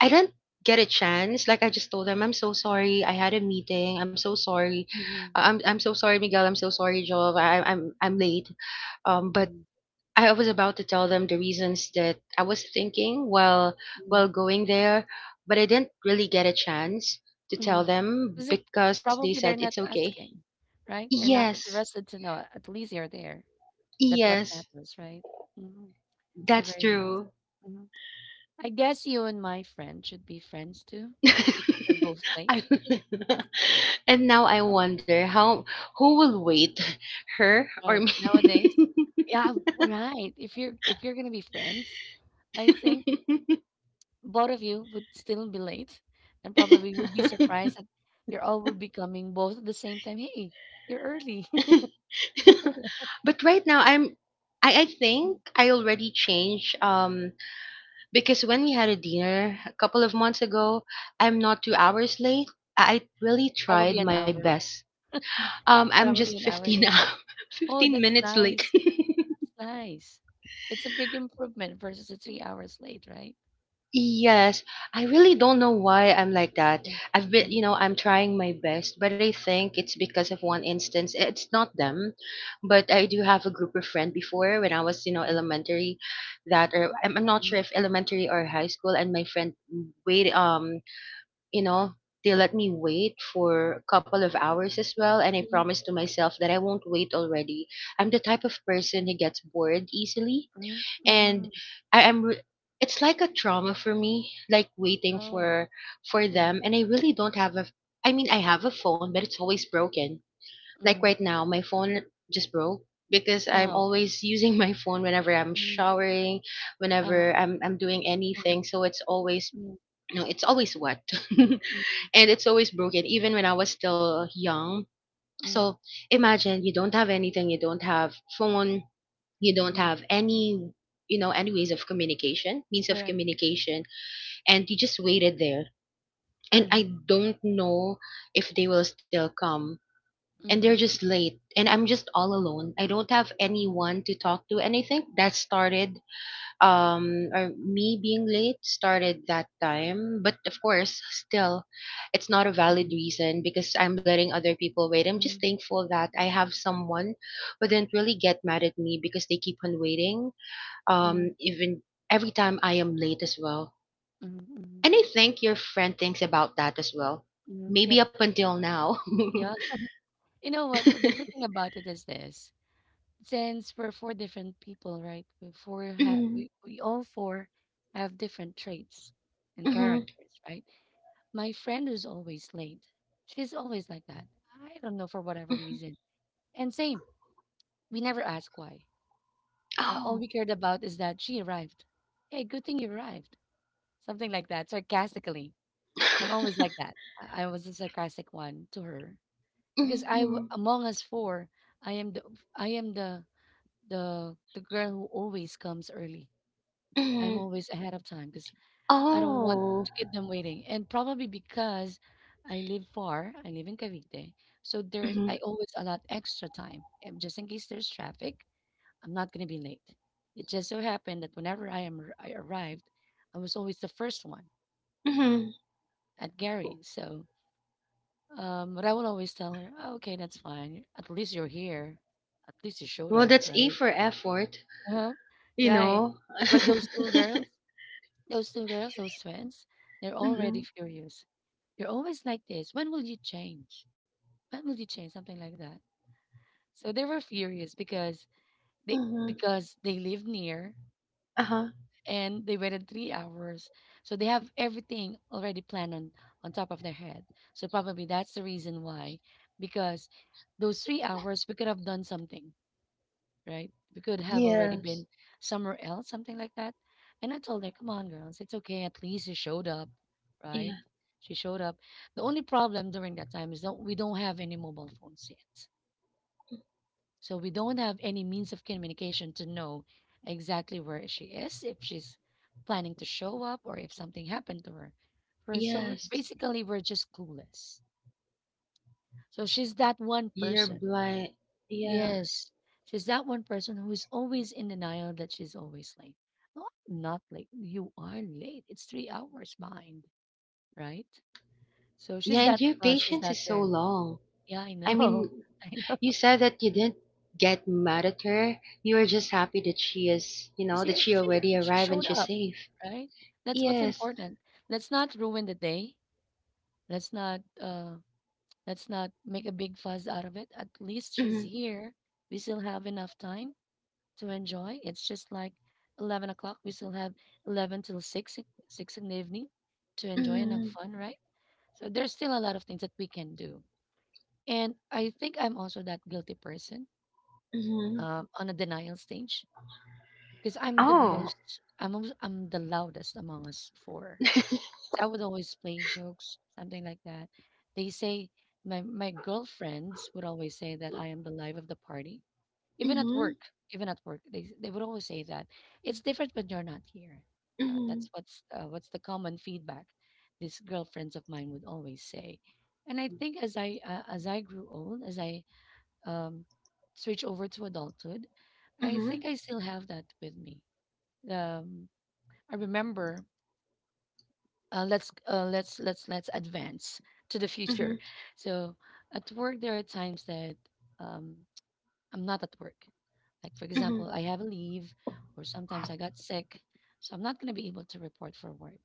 [SPEAKER 2] I didn't get a chance, like I just told them, I'm so sorry, I had a meeting, I'm so sorry, I- am I'm so sorry, Miguel, I'm so sorry, Jove, I'm late. But
[SPEAKER 1] Mm-hmm.
[SPEAKER 2] I was about to tell them the reasons that I was thinking while going there, but I didn't really get a chance to tell them
[SPEAKER 1] Because they
[SPEAKER 2] because they
[SPEAKER 1] probably
[SPEAKER 2] said
[SPEAKER 1] they're
[SPEAKER 2] it's
[SPEAKER 1] not
[SPEAKER 2] okay.
[SPEAKER 1] asking, right? They're not
[SPEAKER 2] Yes,
[SPEAKER 1] interested to know. At least you're there. That's what
[SPEAKER 2] yes,
[SPEAKER 1] matters, right? Mm-hmm. So
[SPEAKER 2] that's
[SPEAKER 1] very nice.
[SPEAKER 2] true.
[SPEAKER 1] Hmm. I guess you and my friend should be friends too. You're both late,
[SPEAKER 2] I, and now I wonder how who will wait, her or me?
[SPEAKER 1] right? Nowadays, yeah, right. If you're gonna be friends, I think both of you would still be late and probably would be surprised that you all would be coming both at the same time. Hey, you're early.
[SPEAKER 2] But right now I think I already changed, because when we had a dinner a couple of months ago, I'm not 2 hours late. I really tried
[SPEAKER 1] Probably an
[SPEAKER 2] my
[SPEAKER 1] hour.
[SPEAKER 2] best. I'm just
[SPEAKER 1] Probably an
[SPEAKER 2] 15,
[SPEAKER 1] hour late.
[SPEAKER 2] hours-
[SPEAKER 1] Oh,
[SPEAKER 2] 15
[SPEAKER 1] that's
[SPEAKER 2] minutes late.
[SPEAKER 1] nice. That's nice. It's a big improvement versus the 3 hours late, right?
[SPEAKER 2] Yes, I really don't know why I'm like that.
[SPEAKER 1] Mm,
[SPEAKER 2] I've been, you
[SPEAKER 1] mm,
[SPEAKER 2] know, I'm trying my best, but I think it's because of one instance. It's not them, but I do have a group of friends before when I was, you know,
[SPEAKER 1] mm,
[SPEAKER 2] elementary, that, or I'm not sure if elementary or high school, and my friend wait, you know, they let me wait for a couple of hours as well. And I
[SPEAKER 1] mm, mm,
[SPEAKER 2] promised to myself that I won't wait already. I'm the type of person who gets bored easily.
[SPEAKER 1] mm,
[SPEAKER 2] And
[SPEAKER 1] mhm.
[SPEAKER 2] I, am re- it's like a trauma for me, like waiting
[SPEAKER 1] Oh.
[SPEAKER 2] for,
[SPEAKER 1] Mm,
[SPEAKER 2] them. And I really don't have a, I mean, I have a phone, but it's always broken. Like
[SPEAKER 1] mm.
[SPEAKER 2] right now, my phone just broke because
[SPEAKER 1] Ah,
[SPEAKER 2] I'm
[SPEAKER 1] okay.
[SPEAKER 2] always using my phone whenever I'm
[SPEAKER 1] Mm,
[SPEAKER 2] showering, whenever
[SPEAKER 1] uh-huh.
[SPEAKER 2] I'm doing
[SPEAKER 1] Mhm,
[SPEAKER 2] anything. So it's always,
[SPEAKER 1] mm,
[SPEAKER 2] no, it's always wet.
[SPEAKER 1] mhm,
[SPEAKER 2] And it's always broken even when I was still young. So
[SPEAKER 1] mhm,
[SPEAKER 2] imagine you don't have anything, you don't have phone, you don't
[SPEAKER 1] mhm.
[SPEAKER 2] have
[SPEAKER 1] Mm.
[SPEAKER 2] any any ways of communication, means of
[SPEAKER 1] Correct.
[SPEAKER 2] communication, and you just waited there and I
[SPEAKER 1] Mm-hmm.
[SPEAKER 2] don't know if they will still come and they're just
[SPEAKER 1] Mm-hmm.
[SPEAKER 2] late and I'm just all alone, I don't have
[SPEAKER 1] Mm-hmm.
[SPEAKER 2] anyone to talk to. Anything that started, or me being late started that time. But of course, still, it's not a valid reason because I'm letting other people wait. I'm just
[SPEAKER 1] Mhm,
[SPEAKER 2] thankful that I have someone who didn't really get mad at me because they keep on waiting,
[SPEAKER 1] mhm,
[SPEAKER 2] even every time I am late as well.
[SPEAKER 1] mhm, mhm,
[SPEAKER 2] And I think your friend thinks about that as well,
[SPEAKER 1] mhm.
[SPEAKER 2] maybe
[SPEAKER 1] Yep.
[SPEAKER 2] up until now.
[SPEAKER 1] Yeah. You know what? The good thing about it is this. Since we're four different people, right?
[SPEAKER 2] Mhm,
[SPEAKER 1] We, all four have different traits and
[SPEAKER 2] mhm,
[SPEAKER 1] characters, right? My friend is always late. She's always like that. I don't know for whatever
[SPEAKER 2] mhm.
[SPEAKER 1] reason. And same, we never ask why.
[SPEAKER 2] Oh.
[SPEAKER 1] All we cared about is that she arrived. Hey, good thing you arrived. Something like that, sarcastically. I'm always like that. I was a sarcastic one to her because
[SPEAKER 2] Mhm,
[SPEAKER 1] among us four, I am the I am the girl who always comes early. I'm
[SPEAKER 2] mhm.
[SPEAKER 1] always ahead of time because I don't want
[SPEAKER 2] Oh.
[SPEAKER 1] to keep them waiting. And probably because I live far, I live in Cavite, so there's
[SPEAKER 2] Mhm,
[SPEAKER 1] I always allot extra time just in case there's traffic. I'm not gonna be late. It just so happened that whenever I arrived, I was always the first one
[SPEAKER 2] mhm.
[SPEAKER 1] at Gary. So but I would always tell her, oh, okay, that's fine. At least you're here. At least you showed
[SPEAKER 2] Well,
[SPEAKER 1] up,
[SPEAKER 2] that's A
[SPEAKER 1] right?
[SPEAKER 2] for effort,
[SPEAKER 1] Uh-huh.
[SPEAKER 2] you
[SPEAKER 1] Right.
[SPEAKER 2] know.
[SPEAKER 1] But those two
[SPEAKER 2] Mhm.
[SPEAKER 1] girls, those twins, they're already furious. You're always like this. When will you change? Something like that. So they were furious they
[SPEAKER 2] Mhm.
[SPEAKER 1] because they live near
[SPEAKER 2] Uh-huh.
[SPEAKER 1] and they waited 3 hours. So they have everything already on top of their head. So probably that's the reason why, because those 3 hours, we could have done something, right? We could have already
[SPEAKER 2] Yes.
[SPEAKER 1] been somewhere else, something like that. And I told her, come on, girls, it's okay. At least you showed up,
[SPEAKER 2] Yeah.
[SPEAKER 1] right? She showed up. The only problem during that time is that we don't have any mobile phones yet. So we don't have any means of communication to know exactly where she is, if she's planning to show up, or if something happened to her.
[SPEAKER 2] Yes.
[SPEAKER 1] Basically, we're just clueless. So she's that one
[SPEAKER 2] You're
[SPEAKER 1] person.
[SPEAKER 2] blind. Yeah.
[SPEAKER 1] Yes, she's that one person who is always in denial that she's always late. No, I'm not late. You are late. It's 3 hours behind, right? So
[SPEAKER 2] Yeah,
[SPEAKER 1] she's
[SPEAKER 2] and
[SPEAKER 1] that.
[SPEAKER 2] your
[SPEAKER 1] She's
[SPEAKER 2] patience
[SPEAKER 1] that
[SPEAKER 2] is so
[SPEAKER 1] girl.
[SPEAKER 2] long.
[SPEAKER 1] Yeah, I
[SPEAKER 2] I
[SPEAKER 1] know.
[SPEAKER 2] mean,
[SPEAKER 1] I know.
[SPEAKER 2] you said that you didn't get mad at her. You were just happy that she is, you know, that
[SPEAKER 1] She
[SPEAKER 2] she
[SPEAKER 1] she
[SPEAKER 2] already
[SPEAKER 1] she
[SPEAKER 2] arrived and
[SPEAKER 1] showed
[SPEAKER 2] she's
[SPEAKER 1] up,
[SPEAKER 2] safe.
[SPEAKER 1] right? That's what's
[SPEAKER 2] Yes.
[SPEAKER 1] important. Let's not ruin the day. Let's not uh let's not make a big fuss out of it. At least she's
[SPEAKER 2] Mhm.
[SPEAKER 1] here. We still have enough time to enjoy. It's just like 11 o'clock. We still have 11 till six in the evening to enjoy and have
[SPEAKER 2] Mhm.
[SPEAKER 1] fun, right? So there's still a lot of things that we can do. And I think I'm also that guilty person,
[SPEAKER 2] Mhm.
[SPEAKER 1] on a denial stage because
[SPEAKER 2] Oh.
[SPEAKER 1] I'm the loudest among us four. So I would always play jokes, something like that. They say my girlfriends would always say that I am the life of the party, even at
[SPEAKER 2] Mhm.
[SPEAKER 1] work. Even at work, they would always say that it's different when you're not here.
[SPEAKER 2] Mhm.
[SPEAKER 1] That's what's the common feedback these girlfriends of mine would always say. And I think as I grew old, as I um, switched over to adulthood, I
[SPEAKER 2] Mhm.
[SPEAKER 1] think I still have that with me. Um, I remember let's let's advance to the
[SPEAKER 2] Mhm.
[SPEAKER 1] future. So at work, there are times that um, I'm not at work. Like for
[SPEAKER 2] Mhm.
[SPEAKER 1] example, I have a leave, or sometimes I got sick, so I'm not gonna be able to report for work.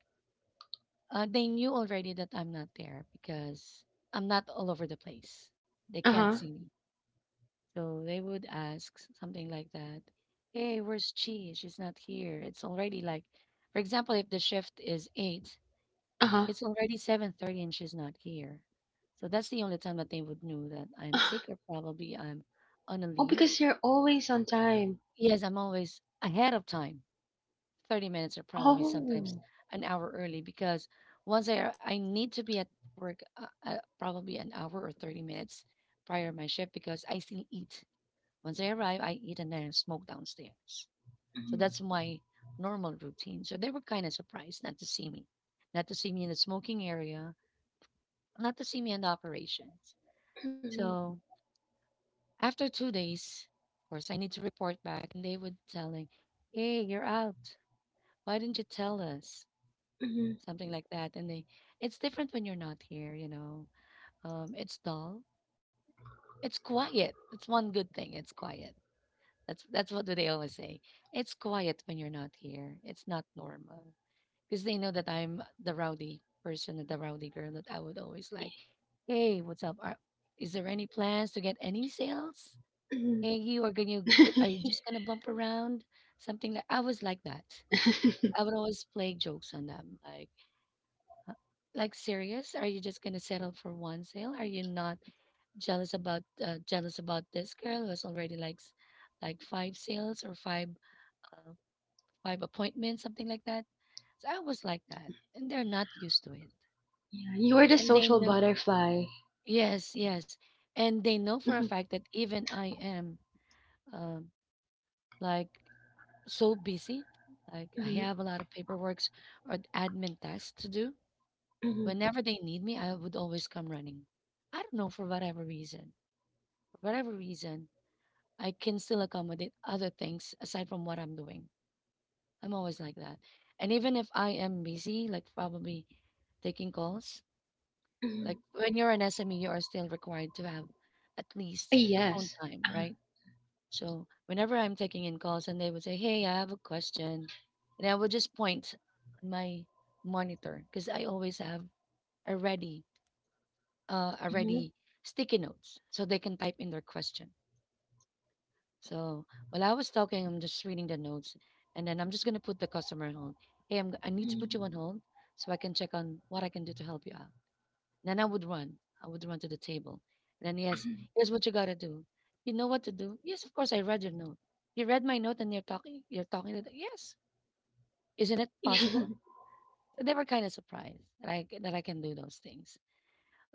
[SPEAKER 1] They knew already that I'm not there because I'm not all over the place. They
[SPEAKER 2] Uh-huh.
[SPEAKER 1] can't see me, so they would something like that. Hey, where's Chi? She's not here. It's already like, for example, if the shift is eight,
[SPEAKER 2] Uh-huh.
[SPEAKER 1] it's already 7:30 and she's not here. So that's the only time that they would know that I'm sick or probably I'm on a
[SPEAKER 2] Oh,
[SPEAKER 1] leave.
[SPEAKER 2] because you're always on time.
[SPEAKER 1] Yes, I'm always ahead of time. 30 minutes or probably sometimes
[SPEAKER 2] Oh.
[SPEAKER 1] an hour early because I need to be at work, probably an hour or 30 minutes prior my shift because I still eat. Once I arrive, I eat and then I smoke downstairs. So
[SPEAKER 2] Mhm,
[SPEAKER 1] that's my normal routine. So they were kind of surprised not to see me, not to see me in the smoking area, not to see me on the operations.
[SPEAKER 2] mhm,
[SPEAKER 1] So after 2 days, of course, I need to report back, and they would tell telling, "Hey, you're out. Why didn't you tell us?"
[SPEAKER 2] mhm,
[SPEAKER 1] Something like that. And they, it's different when you're not here. It's dull. It's quiet. It's one good thing. It's quiet. That's what they always say. It's quiet when you're not here. It's not normal, because they know that I'm the rowdy person, the rowdy girl that I would always like, hey, what's up? Are, is there any plans to get any sales?
[SPEAKER 2] mhm.
[SPEAKER 1] Hey, you are you just gonna bump around? Something like I was like that. I would always play jokes on them, like serious. Are you just gonna settle for one sale? Are you not jealous about jealous about this girl who has already like five sales or five uh, five appointments, something like that? So I was like that, and they're not used to it.
[SPEAKER 2] Yeah, you are the
[SPEAKER 1] And they
[SPEAKER 2] social
[SPEAKER 1] know,
[SPEAKER 2] butterfly.
[SPEAKER 1] yes and they know
[SPEAKER 2] Mhm,
[SPEAKER 1] for a fact that even I am, um like so busy, like I
[SPEAKER 2] mhm,
[SPEAKER 1] have a lot of paperworks or admin tasks to do.
[SPEAKER 2] mhm,
[SPEAKER 1] Whenever they need me, I would always come running. I don't know for whatever reason. For whatever reason, I can still accommodate other things aside from what I'm doing. I'm always like that. And even if I am busy, like probably taking calls.
[SPEAKER 2] mhm.
[SPEAKER 1] Like when you're an SME, you are still required to have at
[SPEAKER 2] Ah,
[SPEAKER 1] least a
[SPEAKER 2] yes.
[SPEAKER 1] phone time,
[SPEAKER 2] Uh-huh.
[SPEAKER 1] right? So whenever I'm taking in calls and they would say, hey, I have a question, and I would just point on my monitor because I always have a ready, a
[SPEAKER 2] Mhm,
[SPEAKER 1] ready sticky notes so they can type in their question. So while I was talking, I'm just reading the notes and then I'm just going to put the customer on hold. Hey, I need to
[SPEAKER 2] mhm.
[SPEAKER 1] put you on hold so I can check on what I can do to help you out. Then I would run. I would run to the table. Then yes, here's what you gotta do. You know what to do? Yes, of course I read your note. You read my note and you're talking to the yes. Isn't it possible? So they were kind of surprised that I can do those things.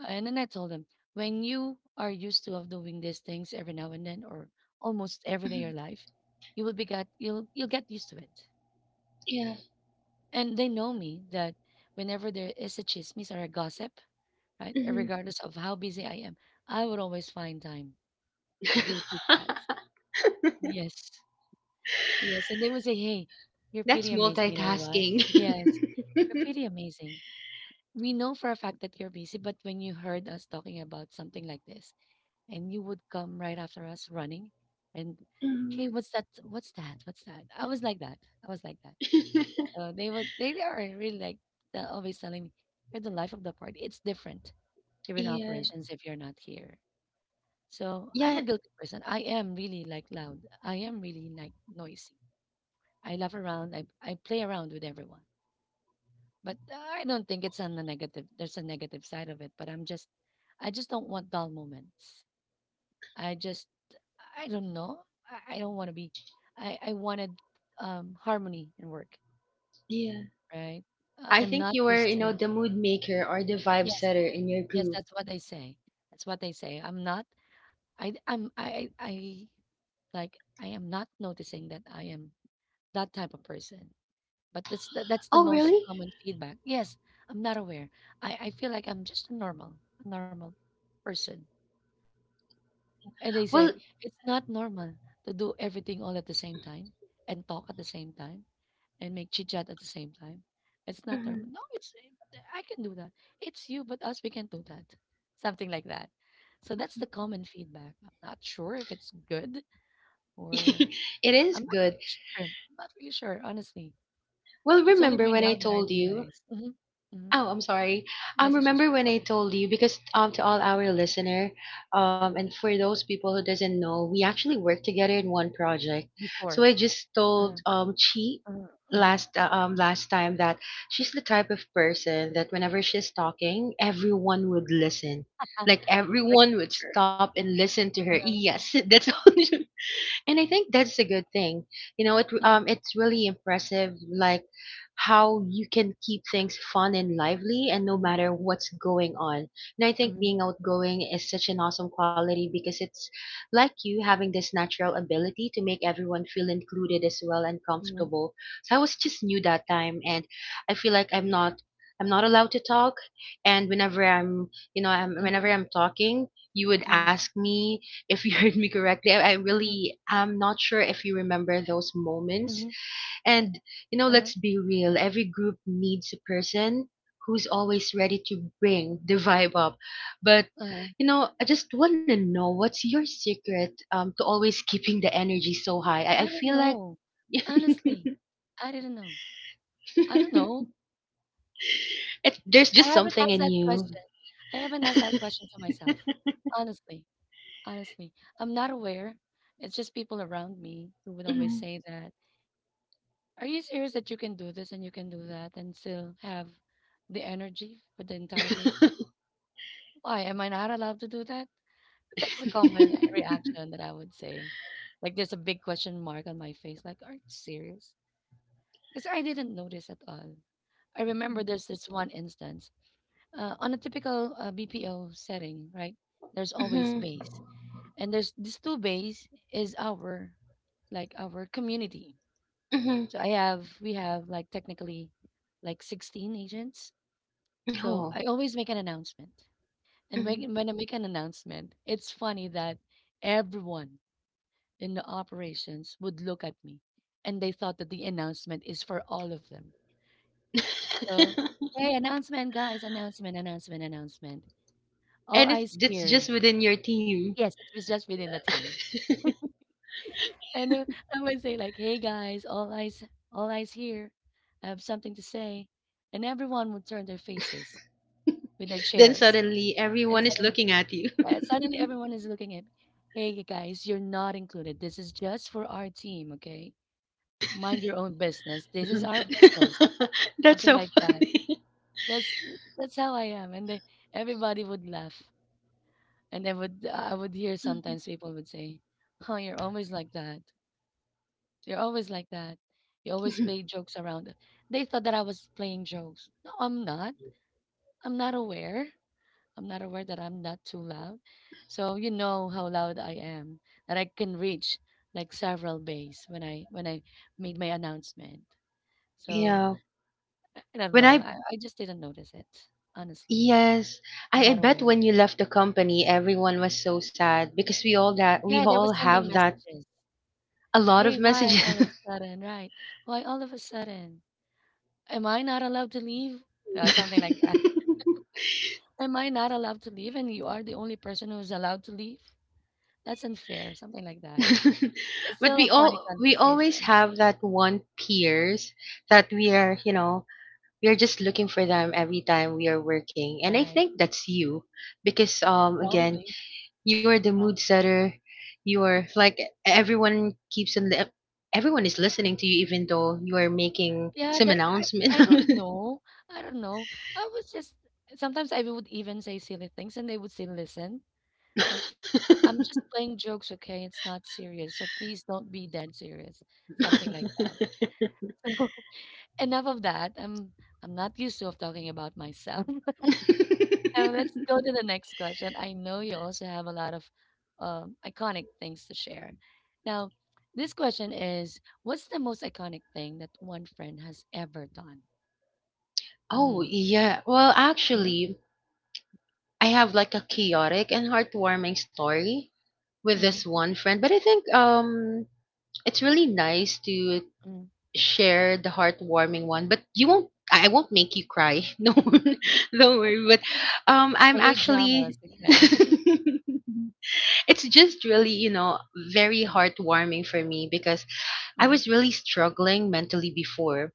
[SPEAKER 1] And then I told them, when you are used to of doing these things every now and then or almost every
[SPEAKER 2] Mhm,
[SPEAKER 1] day of your life, you will be got you'll get used to it.
[SPEAKER 2] yeah.
[SPEAKER 1] And they know me that whenever there is a chismis or a gossip, right?
[SPEAKER 2] Mhm.
[SPEAKER 1] Regardless of how busy I am, I would always find time to do chit chat. Yes. Yes. And they would say, hey, you're
[SPEAKER 2] That's
[SPEAKER 1] pretty amazing. You know what?
[SPEAKER 2] multitasking.
[SPEAKER 1] Yes. You're pretty amazing. We know for a fact that you're busy, but when you heard us talking about something like this and you would come right after us running and
[SPEAKER 2] Mhm.
[SPEAKER 1] hey, what's that? What's that? What's that? I was like that. I was like that. So they are really like, they're always telling me, you're the life of the party. It's different. You're in
[SPEAKER 2] Yeah.
[SPEAKER 1] operations if you're not here. So
[SPEAKER 2] Yeah.
[SPEAKER 1] I'm a guilty person. I am really like loud. I am really like noisy. I laugh around. I play around with everyone. But I don't think it's on the negative. There's a negative side of it. I just don't want dull moments. I just, I don't know. I don't want to be. I wanted, harmony in work.
[SPEAKER 2] Yeah.
[SPEAKER 1] Right.
[SPEAKER 2] I
[SPEAKER 1] I'm
[SPEAKER 2] think
[SPEAKER 1] not
[SPEAKER 2] you were,
[SPEAKER 1] used
[SPEAKER 2] you
[SPEAKER 1] to.
[SPEAKER 2] know, the mood maker or the vibe
[SPEAKER 1] Yes.
[SPEAKER 2] setter in your
[SPEAKER 1] Yes.
[SPEAKER 2] group.
[SPEAKER 1] That's what they say. That's what they say. I'm not. I like I am not noticing that I am that type of person. But that's the
[SPEAKER 2] Oh,
[SPEAKER 1] most
[SPEAKER 2] really?
[SPEAKER 1] common feedback. Yes, I'm not aware. I feel like I'm just a normal, a normal person. And they said
[SPEAKER 2] Well,
[SPEAKER 1] it's not normal to do everything all at the same time and talk at the same time and make chit chat at the same time. It's not
[SPEAKER 2] mm-hmm.
[SPEAKER 1] normal. No, it's I can do that. It's you, but us we can do that. Something like that. So that's the common feedback. I'm not sure if it's good. Or
[SPEAKER 2] It is
[SPEAKER 1] I'm not
[SPEAKER 2] good.
[SPEAKER 1] sure. I'm not really sure, honestly.
[SPEAKER 2] Well,
[SPEAKER 1] It's only
[SPEAKER 2] remember
[SPEAKER 1] by
[SPEAKER 2] when I
[SPEAKER 1] now that I
[SPEAKER 2] told you?
[SPEAKER 1] realize. Hmm. Hmm.
[SPEAKER 2] Oh, I'm sorry.
[SPEAKER 1] Yes, yes, yes.
[SPEAKER 2] Remember when I told you, because um, to all our listener, and for those people who doesn't know, we actually work together in one project. So I
[SPEAKER 1] Before,
[SPEAKER 2] just told
[SPEAKER 1] uh-huh,
[SPEAKER 2] Chi
[SPEAKER 1] uh-huh, uh-huh,
[SPEAKER 2] last um, last time that she's the type of person that whenever she's talking, everyone would listen. Like
[SPEAKER 1] like a
[SPEAKER 2] everyone would
[SPEAKER 1] teacher.
[SPEAKER 2] stop and listen to her.
[SPEAKER 1] Uh-huh.
[SPEAKER 2] Yes, that's all. And I think that's a good thing. You know, it
[SPEAKER 1] Mhm.
[SPEAKER 2] um, it's really impressive like how you can keep things fun and lively and no
[SPEAKER 1] Mhm.
[SPEAKER 2] matter what's going on. And I think
[SPEAKER 1] Mhm.
[SPEAKER 2] being outgoing is such an awesome quality because it's like you having this natural ability to make everyone feel included as well and
[SPEAKER 1] Mhm.
[SPEAKER 2] comfortable. So I was just new that time, and I feel like I'm not allowed to talk, and whenever I'm you know I'm, whenever
[SPEAKER 1] Mhm.
[SPEAKER 2] I'm talking, you would
[SPEAKER 1] Mhm.
[SPEAKER 2] ask me if you heard me correctly. I
[SPEAKER 1] Mhm.
[SPEAKER 2] really am not sure if you remember those moments.
[SPEAKER 1] Mhm,
[SPEAKER 2] And, you know,
[SPEAKER 1] uh-huh,
[SPEAKER 2] let's be real, every group needs a person who's always ready to bring the vibe up. But,
[SPEAKER 1] uh-huh.
[SPEAKER 2] you know, I just want to know, what's your secret, to always keeping the energy so high? I
[SPEAKER 1] I don't
[SPEAKER 2] feel like
[SPEAKER 1] know. Honestly, I didn't know. I don't know.
[SPEAKER 2] it's, there's
[SPEAKER 1] I
[SPEAKER 2] just
[SPEAKER 1] haven't
[SPEAKER 2] something
[SPEAKER 1] asked
[SPEAKER 2] in
[SPEAKER 1] that
[SPEAKER 2] you.
[SPEAKER 1] question. I haven't asked that question to myself. Honestly, honestly, I'm not aware. It's just people around me who would always
[SPEAKER 2] Mhm.
[SPEAKER 1] say that. Are you serious that you can do this and you can do that and still have the energy for the entire day? Why am I not allowed to do that? That's a common reaction that I would say. Like there's a big question mark on my face, like, are you serious? Because I didn't notice at all. I remember there's this one instance, on a typical BPO setting, right? There's always
[SPEAKER 2] Mhm,
[SPEAKER 1] base, and there's these two base is our like our community.
[SPEAKER 2] mhm.
[SPEAKER 1] So I have we have like technically like 16 agents. So
[SPEAKER 2] Oh.
[SPEAKER 1] I always make an announcement. And
[SPEAKER 2] Mhm.
[SPEAKER 1] when I make an announcement, it's funny that everyone in the operations would look at me and they thought that the announcement is for all of them. So, hey, announcement, guys, announcement, announcement, announcement. All
[SPEAKER 2] And it's
[SPEAKER 1] eyes here.
[SPEAKER 2] just within your team.
[SPEAKER 1] Yes, it was just within the team. And I would say like, hey guys, all eyes here. I have something to say and everyone would turn their faces, with their
[SPEAKER 2] Then
[SPEAKER 1] chairs.
[SPEAKER 2] suddenly
[SPEAKER 1] And
[SPEAKER 2] everyone is
[SPEAKER 1] suddenly,
[SPEAKER 2] looking at you.
[SPEAKER 1] suddenly everyone is looking at, "Hey, you guys, you're not included. This is just for our team, okay? Mind your own business. This is our business."
[SPEAKER 2] That's
[SPEAKER 1] Something
[SPEAKER 2] so
[SPEAKER 1] like that.
[SPEAKER 2] funny.
[SPEAKER 1] That's that's how I am, and they, everybody would laugh, and they would. I would hear sometimes people would say, "Oh, you're always like that. You're always like that. You always play jokes around." They thought that I was playing jokes. No, I'm not. I'm not aware. I'm not aware that I'm not too loud. So you know how loud I am, that I can reach like several bays when I made my announcement. So
[SPEAKER 2] Yeah.
[SPEAKER 1] I don't
[SPEAKER 2] When
[SPEAKER 1] know.
[SPEAKER 2] I
[SPEAKER 1] I just didn't notice it. Honestly,
[SPEAKER 2] yes,
[SPEAKER 1] I'm
[SPEAKER 2] I
[SPEAKER 1] not
[SPEAKER 2] bet
[SPEAKER 1] aware.
[SPEAKER 2] when you left the company, everyone was so sad because we
[SPEAKER 1] Yeah, they
[SPEAKER 2] all
[SPEAKER 1] were
[SPEAKER 2] have
[SPEAKER 1] sending
[SPEAKER 2] that
[SPEAKER 1] messages.
[SPEAKER 2] a lot of
[SPEAKER 1] Hey, why all
[SPEAKER 2] messages.
[SPEAKER 1] of a sudden? Right? Why all of a sudden? Am I not allowed to leave? Something like that. Am I not allowed to leave? And you are the only person who's allowed to leave. That's unfair. Something like that. It's
[SPEAKER 2] But
[SPEAKER 1] still a funny
[SPEAKER 2] we always
[SPEAKER 1] conversation.
[SPEAKER 2] have that one peers that we are, you know, we are just looking for them every time we are working, and I
[SPEAKER 1] Right.
[SPEAKER 2] think that's you because again,
[SPEAKER 1] Probably.
[SPEAKER 2] you are the mood
[SPEAKER 1] Probably.
[SPEAKER 2] setter. You are like everyone keeps on everyone is listening to you even though you are making
[SPEAKER 1] Yeah,
[SPEAKER 2] some
[SPEAKER 1] that
[SPEAKER 2] announcement.
[SPEAKER 1] I don't know. I don't know. I was just Sometimes I would even say silly things and they would still listen. Like, I'm just playing jokes, okay? It's not serious. So please don't be that serious. Something like that. So, enough of that. I'm not used to of talking about myself. Now let's go to the next question. I know you also have a lot of iconic things to share. Now, this question is, what's the most iconic thing that one friend has ever done?
[SPEAKER 2] Oh,
[SPEAKER 1] Mm.
[SPEAKER 2] yeah. Well,
[SPEAKER 1] Mm-hmm.
[SPEAKER 2] actually, I have like a chaotic and heartwarming story with this
[SPEAKER 1] Mm.
[SPEAKER 2] one friend, but I think um, it's really nice to
[SPEAKER 1] Mm.
[SPEAKER 2] share the heartwarming one, but you won't. I won't make you cry. No,
[SPEAKER 1] Mm.
[SPEAKER 2] don't worry. But
[SPEAKER 1] I hate
[SPEAKER 2] I'm
[SPEAKER 1] dramas.
[SPEAKER 2] actually.
[SPEAKER 1] Okay.
[SPEAKER 2] It's just really, you know, very heartwarming for me because I
[SPEAKER 1] Mm-hmm.
[SPEAKER 2] was really struggling mentally before.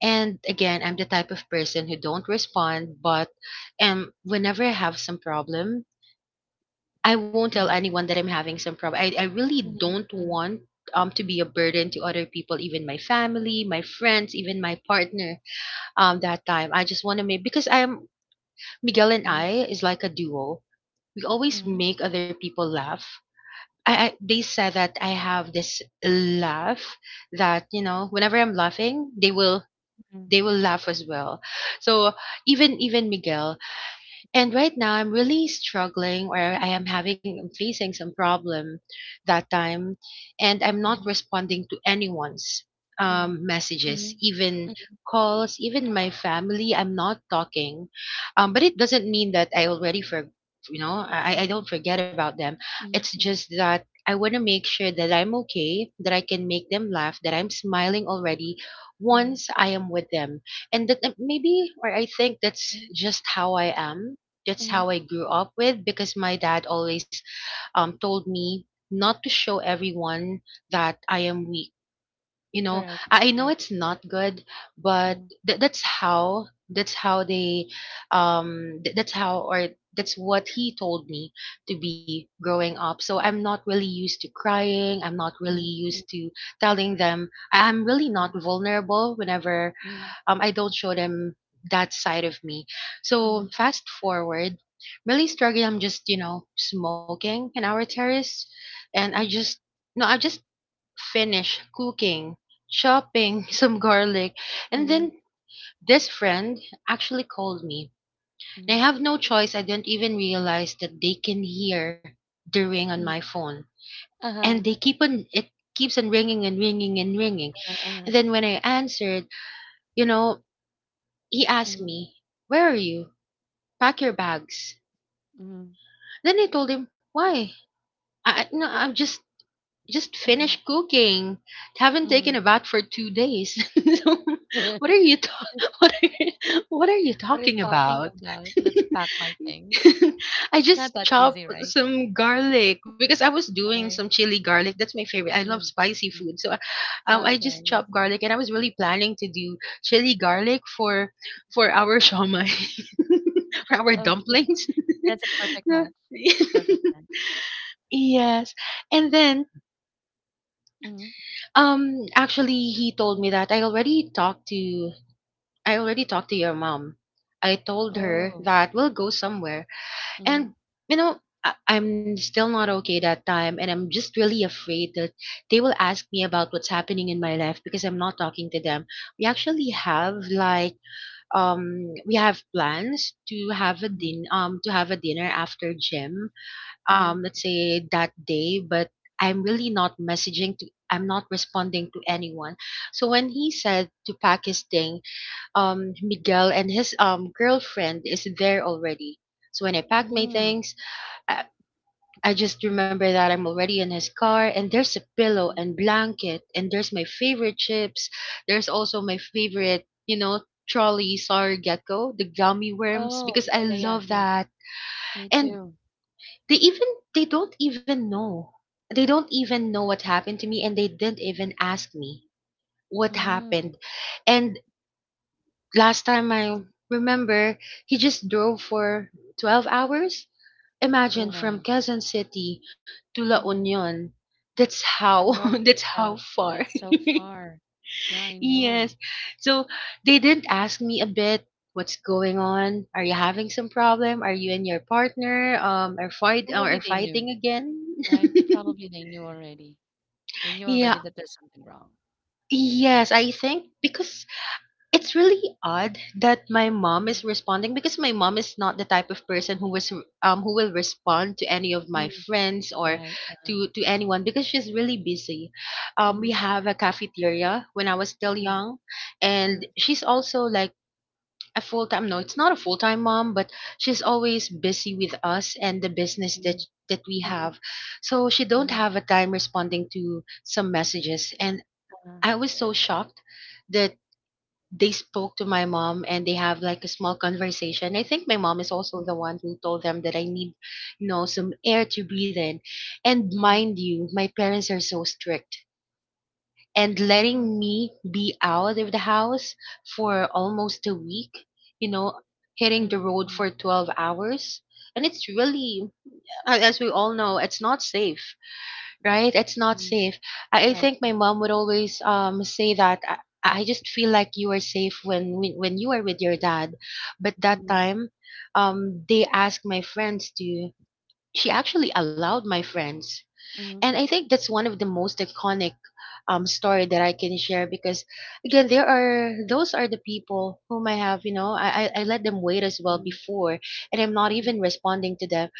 [SPEAKER 2] And again, I'm the type of person who don't respond, but whenever I have some problem, I won't tell anyone that I'm having some problem. I really don't
[SPEAKER 1] Hmm.
[SPEAKER 2] want to be a burden to other people, even my family, my friends, even my partner. That time I just want to make because I'm Miguel and
[SPEAKER 1] Mm-hmm.
[SPEAKER 2] I is like a duo. We always make other people laugh. I they said that I have this laugh that you know whenever I'm laughing, they will
[SPEAKER 1] Hmm.
[SPEAKER 2] they will laugh as well. So even Miguel. And right now, I'm really struggling, or I am having, I'm facing some problem that time, and I'm not responding to anyone's
[SPEAKER 1] Mhm.
[SPEAKER 2] messages,
[SPEAKER 1] Mhm,
[SPEAKER 2] even
[SPEAKER 1] mhm,
[SPEAKER 2] calls, even my family. I'm not talking, but it doesn't mean that I already for, I don't forget about them. It's
[SPEAKER 1] mhm,
[SPEAKER 2] just
[SPEAKER 1] mhm,
[SPEAKER 2] that. I want to make sure that I'm okay, that I can make them laugh, that I'm smiling already
[SPEAKER 1] mhm, mhm, mhm, mhm. Mhm, mhm,
[SPEAKER 2] once I am with them. And that maybe, or I think that's
[SPEAKER 1] mhm,
[SPEAKER 2] just how I am, that's
[SPEAKER 1] mhm.
[SPEAKER 2] how I grew up with because my dad always told me not to show everyone that I am weak, you know.
[SPEAKER 1] Correct.
[SPEAKER 2] I
[SPEAKER 1] That's
[SPEAKER 2] know
[SPEAKER 1] right.
[SPEAKER 2] it's
[SPEAKER 1] That's
[SPEAKER 2] not
[SPEAKER 1] right.
[SPEAKER 2] good, but
[SPEAKER 1] Mm,
[SPEAKER 2] that's how they, th- that's how or that's what he told me to be growing up. So I'm not really used to crying, I'm not really
[SPEAKER 1] mhm,
[SPEAKER 2] used to telling them. I'm really not
[SPEAKER 1] mhm,
[SPEAKER 2] vulnerable whenever
[SPEAKER 1] mhm,
[SPEAKER 2] I don't show them that side of me.
[SPEAKER 1] mhm,
[SPEAKER 2] So fast forward, really struggling, I'm just smoking in our terrace, and I
[SPEAKER 1] mhm.
[SPEAKER 2] just no I just finish cooking, chopping some garlic. And
[SPEAKER 1] Mm,
[SPEAKER 2] then this friend actually called me. And I
[SPEAKER 1] mm.
[SPEAKER 2] have no choice. I didn't even realize that they can hear the ring on my
[SPEAKER 1] Mm.
[SPEAKER 2] phone. And they
[SPEAKER 1] Uh-huh.
[SPEAKER 2] keep on, it keeps on ringing and ringing and ringing. And
[SPEAKER 1] Uh-huh.
[SPEAKER 2] then when I answered, you know, he asked
[SPEAKER 1] Mm,
[SPEAKER 2] me, "Where are you? Pack your bags."
[SPEAKER 1] mm.
[SPEAKER 2] Then I told him, "Why? I- you I'm just
[SPEAKER 1] Mm,
[SPEAKER 2] finished cooking. Haven't taken a
[SPEAKER 1] mm.
[SPEAKER 2] bath for 2 days." So, what are you ta- what are you
[SPEAKER 1] What are you
[SPEAKER 2] talking
[SPEAKER 1] talking
[SPEAKER 2] about?
[SPEAKER 1] about? Let's pack my things.
[SPEAKER 2] I
[SPEAKER 1] It's
[SPEAKER 2] just
[SPEAKER 1] not that
[SPEAKER 2] chopped
[SPEAKER 1] easy, right?
[SPEAKER 2] some garlic because I was doing some
[SPEAKER 1] Right.
[SPEAKER 2] chili garlic. That's my favorite. I love
[SPEAKER 1] Mm,
[SPEAKER 2] spicy
[SPEAKER 1] mm.
[SPEAKER 2] food, so I just
[SPEAKER 1] Okay,
[SPEAKER 2] chopped
[SPEAKER 1] I see.
[SPEAKER 2] garlic, and I was really planning to do chili garlic for our shawmai, for our
[SPEAKER 1] Okay.
[SPEAKER 2] dumplings.
[SPEAKER 1] That's a perfect
[SPEAKER 2] Yeah.
[SPEAKER 1] match. That's a perfect match.
[SPEAKER 2] Yes, and then
[SPEAKER 1] Mm.
[SPEAKER 2] Actually, he told me that I already talked to your mom. I told her
[SPEAKER 1] Oh.
[SPEAKER 2] that we'll go somewhere,
[SPEAKER 1] Mm.
[SPEAKER 2] and I'm still not okay that time, and I'm just really afraid that they will ask me about what's happening in my life because I'm not talking to them. We actually have like we have plans
[SPEAKER 1] Mm,
[SPEAKER 2] to have a dinner after gym,
[SPEAKER 1] mm,
[SPEAKER 2] let's say that day, but I'm not responding to anyone. So when he said to pack his thing, Miguel and his girlfriend is there already. So when I pack my
[SPEAKER 1] mm,
[SPEAKER 2] things, I, I just
[SPEAKER 1] mm,
[SPEAKER 2] remember that I'm already in his car, and there's a
[SPEAKER 1] mm.
[SPEAKER 2] pillow and blanket and there's my favorite chips. There's also my favorite, trolley, sorry, gecko, the gummy worms
[SPEAKER 1] Oh,
[SPEAKER 2] because I
[SPEAKER 1] yeah, yeah, yeah,
[SPEAKER 2] love
[SPEAKER 1] yeah.
[SPEAKER 2] that.
[SPEAKER 1] Me
[SPEAKER 2] And
[SPEAKER 1] too.
[SPEAKER 2] they even they don't even know they don't even know what happened to me, and they didn't even ask me what
[SPEAKER 1] Mm.
[SPEAKER 2] happened. And last time I
[SPEAKER 1] Mm.
[SPEAKER 2] remember, he just drove for 12 hours.
[SPEAKER 1] Oh
[SPEAKER 2] Imagine, from
[SPEAKER 1] my.
[SPEAKER 2] Quezon City to La
[SPEAKER 1] Mm.
[SPEAKER 2] Union. That's how
[SPEAKER 1] From north
[SPEAKER 2] that's
[SPEAKER 1] to
[SPEAKER 2] how
[SPEAKER 1] south.
[SPEAKER 2] far.
[SPEAKER 1] That's so far. Yeah, I know.
[SPEAKER 2] Yes, so they didn't ask me a bit, what's going on, are you having some problem, are you and your partner are
[SPEAKER 1] Probably they knew,
[SPEAKER 2] fighting again?
[SPEAKER 1] right? Probably they knew already. They knew already
[SPEAKER 2] Yeah.
[SPEAKER 1] that there's something wrong,
[SPEAKER 2] Yes,
[SPEAKER 1] perhaps.
[SPEAKER 2] I think because it's really odd that my mom
[SPEAKER 1] Mm,
[SPEAKER 2] is responding, because my mom is not the type of person who was who will respond to any of my
[SPEAKER 1] mm,
[SPEAKER 2] friends or
[SPEAKER 1] right. Uh,
[SPEAKER 2] to anyone because she's really busy. We
[SPEAKER 1] mm,
[SPEAKER 2] have a cafeteria when I was still
[SPEAKER 1] mm,
[SPEAKER 2] young,
[SPEAKER 1] mm,
[SPEAKER 2] and she's also like a full-time, no, it's not a full-time mom, but she's always busy with us and the business
[SPEAKER 1] mm,
[SPEAKER 2] that we
[SPEAKER 1] mm,
[SPEAKER 2] have. So she don't
[SPEAKER 1] mm,
[SPEAKER 2] have a time responding to some messages, and
[SPEAKER 1] uh,
[SPEAKER 2] I was so shocked that they spoke to my mom, and they have like a small conversation. I think my mom is also
[SPEAKER 1] mm,
[SPEAKER 2] the one who told them that I need, some air to breathe in. And
[SPEAKER 1] mm,
[SPEAKER 2] mind you, my parents are so strict, and letting
[SPEAKER 1] mm,
[SPEAKER 2] me be out of the house for almost a week, you know, hitting the
[SPEAKER 1] mm,
[SPEAKER 2] road
[SPEAKER 1] mm,
[SPEAKER 2] for 12 hours. And it's really, as we all know, it's not safe, right? It's not
[SPEAKER 1] mm.
[SPEAKER 2] safe. I
[SPEAKER 1] Right.
[SPEAKER 2] think my
[SPEAKER 1] Right.
[SPEAKER 2] mom would always say that I just feel like you are safe when when you are with your dad, but that
[SPEAKER 1] Mm,
[SPEAKER 2] time, they asked my friends to. She actually allowed my friends, and
[SPEAKER 1] mm,
[SPEAKER 2] I think that's one of the most iconic story that I can share because again, there are those are the people whom I have, I let them wait as well
[SPEAKER 1] mm,
[SPEAKER 2] before, and I'm not
[SPEAKER 1] mm.
[SPEAKER 2] even responding to them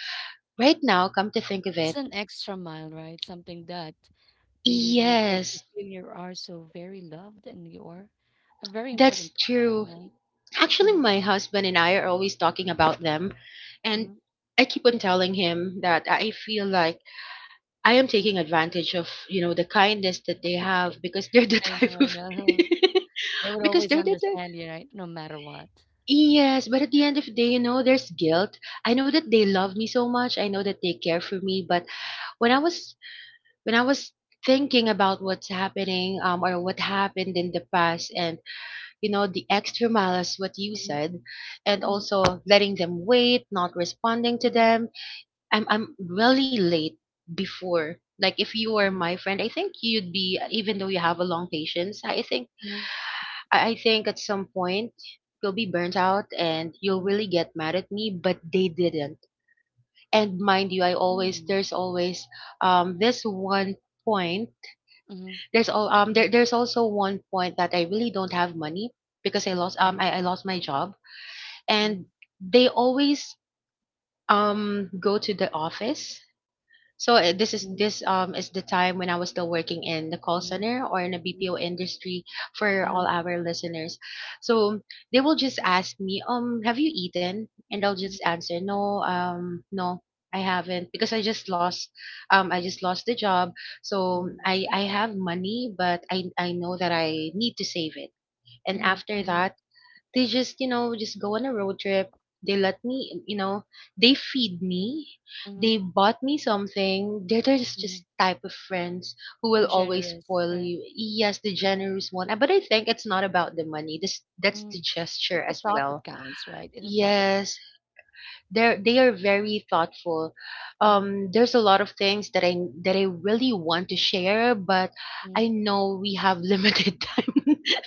[SPEAKER 2] right now. Come to think of
[SPEAKER 1] It's
[SPEAKER 2] it.
[SPEAKER 1] an extra mile, right? Something that really would make you
[SPEAKER 2] Yes.
[SPEAKER 1] feel you are so very loved and you are a very
[SPEAKER 2] That's
[SPEAKER 1] important person,
[SPEAKER 2] true.
[SPEAKER 1] right?
[SPEAKER 2] Actually,
[SPEAKER 1] Mm,
[SPEAKER 2] my husband and I are always talking about them. And
[SPEAKER 1] mm.
[SPEAKER 2] I keep on telling him that I feel like I am taking advantage of, the kindness that they
[SPEAKER 1] Okay.
[SPEAKER 2] have because they're the
[SPEAKER 1] I
[SPEAKER 2] type
[SPEAKER 1] know, I
[SPEAKER 2] of
[SPEAKER 1] know. They would
[SPEAKER 2] because
[SPEAKER 1] always
[SPEAKER 2] they're the type.
[SPEAKER 1] understand you, right? No matter what.
[SPEAKER 2] Yes, but at the end of the day, there's guilt. I know that they love me so much. I know that they care for me, but when I was when I was thinking about what's happening or what happened in the past, and the extra mile as what you
[SPEAKER 1] Mhm,
[SPEAKER 2] said, and
[SPEAKER 1] mhm,
[SPEAKER 2] also letting them wait, not responding to
[SPEAKER 1] mhm,
[SPEAKER 2] them. I'm really late before. Like, if you were
[SPEAKER 1] mhm,
[SPEAKER 2] my friend, I think you'd be, even though you have a long patience, I think
[SPEAKER 1] mhm,
[SPEAKER 2] at some point you'll be burnt out and you'll really get mad at me, but they didn't. And mind you, I always
[SPEAKER 1] mhm,
[SPEAKER 2] there's always this one point,
[SPEAKER 1] mhm, mhm, mhm,
[SPEAKER 2] there's also one point that I really don't have money because I lost my job, and
[SPEAKER 1] mhm,
[SPEAKER 2] they always go to the office. So this is the time when I was still working in the call
[SPEAKER 1] mhm, mhm,
[SPEAKER 2] center or in the
[SPEAKER 1] mhm, mhm,
[SPEAKER 2] BPO
[SPEAKER 1] mhm,
[SPEAKER 2] industry, for all
[SPEAKER 1] uh-huh,
[SPEAKER 2] our listeners. So they will just ask me, "Have you eaten?" And I'll just
[SPEAKER 1] mhm,
[SPEAKER 2] answer, "No, no, I haven't because I just lost the job. So
[SPEAKER 1] mhm,
[SPEAKER 2] I have money, but I know that I need to save it." And
[SPEAKER 1] mhm,
[SPEAKER 2] after
[SPEAKER 1] mhm,
[SPEAKER 2] that, they just, just go on a road trip. They let me, they feed me. They
[SPEAKER 1] mhm,
[SPEAKER 2] bought me something. They're just
[SPEAKER 1] mhm.
[SPEAKER 2] just type of friends who will
[SPEAKER 1] So
[SPEAKER 2] always
[SPEAKER 1] generous,
[SPEAKER 2] spoil
[SPEAKER 1] right?
[SPEAKER 2] you. Yes, the
[SPEAKER 1] Right.
[SPEAKER 2] generous one. But I think it's not about the money. This That's the
[SPEAKER 1] Mm.
[SPEAKER 2] gesture
[SPEAKER 1] It's a
[SPEAKER 2] as
[SPEAKER 1] thought that
[SPEAKER 2] well.
[SPEAKER 1] counts, right? It's a thought that
[SPEAKER 2] Yes, they are very thoughtful.
[SPEAKER 1] mm
[SPEAKER 2] There's a lot of things that I really want to share, but
[SPEAKER 1] mm.
[SPEAKER 2] I know we have limited time.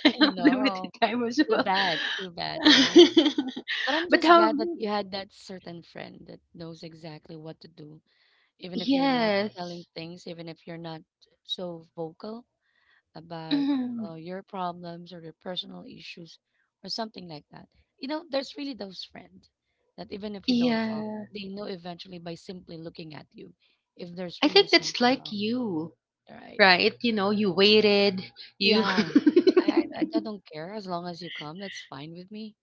[SPEAKER 2] I
[SPEAKER 1] I
[SPEAKER 2] have limited
[SPEAKER 1] know.
[SPEAKER 2] time as well.
[SPEAKER 1] Too bad, right? But I'm
[SPEAKER 2] But
[SPEAKER 1] just
[SPEAKER 2] how?
[SPEAKER 1] glad that you had that certain friend that knows exactly what to do. Even if you're not telling
[SPEAKER 2] Yes.
[SPEAKER 1] things, even if you're not so vocal about
[SPEAKER 2] Mhm.
[SPEAKER 1] your problems or your personal issues or something like that. You know, there's really those friends that even if you don't talk,
[SPEAKER 2] Yeah,
[SPEAKER 1] they know eventually by simply looking at you if there's
[SPEAKER 2] I
[SPEAKER 1] really
[SPEAKER 2] think that's
[SPEAKER 1] something
[SPEAKER 2] like
[SPEAKER 1] wrong,
[SPEAKER 2] you.
[SPEAKER 1] right?
[SPEAKER 2] Right, you know you waited, you
[SPEAKER 1] Yeah, I
[SPEAKER 2] you
[SPEAKER 1] don't care as long as you come. That's fine with me.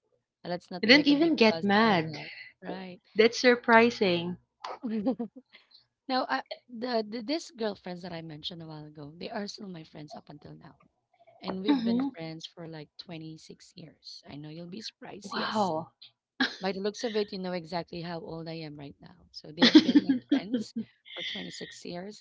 [SPEAKER 1] Let's not
[SPEAKER 2] didn't
[SPEAKER 1] make a big
[SPEAKER 2] even get
[SPEAKER 1] fuss out of
[SPEAKER 2] mad.
[SPEAKER 1] that, right?
[SPEAKER 2] That's surprising.
[SPEAKER 1] now, I, the These girlfriends that I mentioned a while ago, they are still my friends up until now. And we've been
[SPEAKER 2] Hmm.
[SPEAKER 1] friends for like 26 years. I know you'll be surprised. Yes.
[SPEAKER 2] Wow.
[SPEAKER 1] By the looks of it, you know exactly how old I am right now. So they have been my
[SPEAKER 2] Oh,
[SPEAKER 1] friends for 26 years.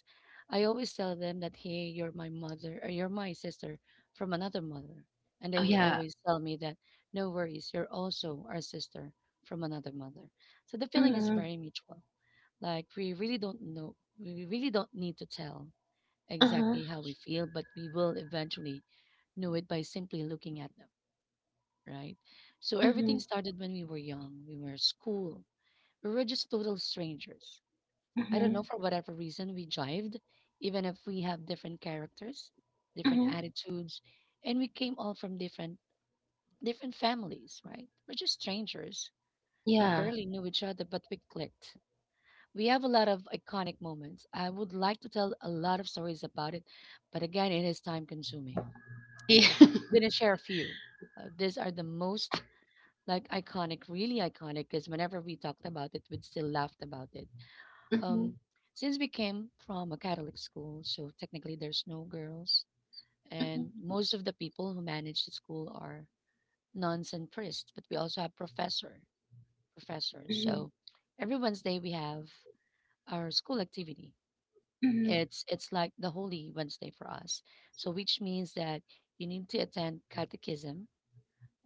[SPEAKER 1] I always tell them that, hey, you're my mother or you're my sister from another mother. And they will
[SPEAKER 2] yeah.
[SPEAKER 1] always tell me that, no worries, you're also our sister from another mother. So the feeling is
[SPEAKER 2] Mhm.
[SPEAKER 1] very mutual. Like we really don't know, we really don't need to tell
[SPEAKER 2] Uh-huh.
[SPEAKER 1] exactly how we feel, but we will eventually know it by simply looking at them, right? So everything
[SPEAKER 2] Mhm.
[SPEAKER 1] started when we were young. We were at school. We were just total strangers. I don't know,
[SPEAKER 2] Mhm.
[SPEAKER 1] for whatever reason, we jived, even if we have different characters, different
[SPEAKER 2] Mhm.
[SPEAKER 1] attitudes, and we came all from different families, right? We're just strangers. We
[SPEAKER 2] Yeah.
[SPEAKER 1] barely knew each other, but we clicked. We have a lot of iconic moments. I would like to tell a lot of stories about it, but again, it is time consuming.
[SPEAKER 2] Yeah.
[SPEAKER 1] Okay. I'm gonna share a few. These are the most like iconic, really iconic, because whenever we talked about it, we'd still laughed about it.
[SPEAKER 2] Mhm.
[SPEAKER 1] Um, since we came from a Catholic school, so technically there's no girls, and
[SPEAKER 2] Mhm.
[SPEAKER 1] most of the people who manage the school are nuns and priests, but we also have professors.
[SPEAKER 2] Mhm.
[SPEAKER 1] So every Wednesday we have our school activity.
[SPEAKER 2] Mhm.
[SPEAKER 1] It's like the Holy Wednesday for us. So which means that you need to attend catechism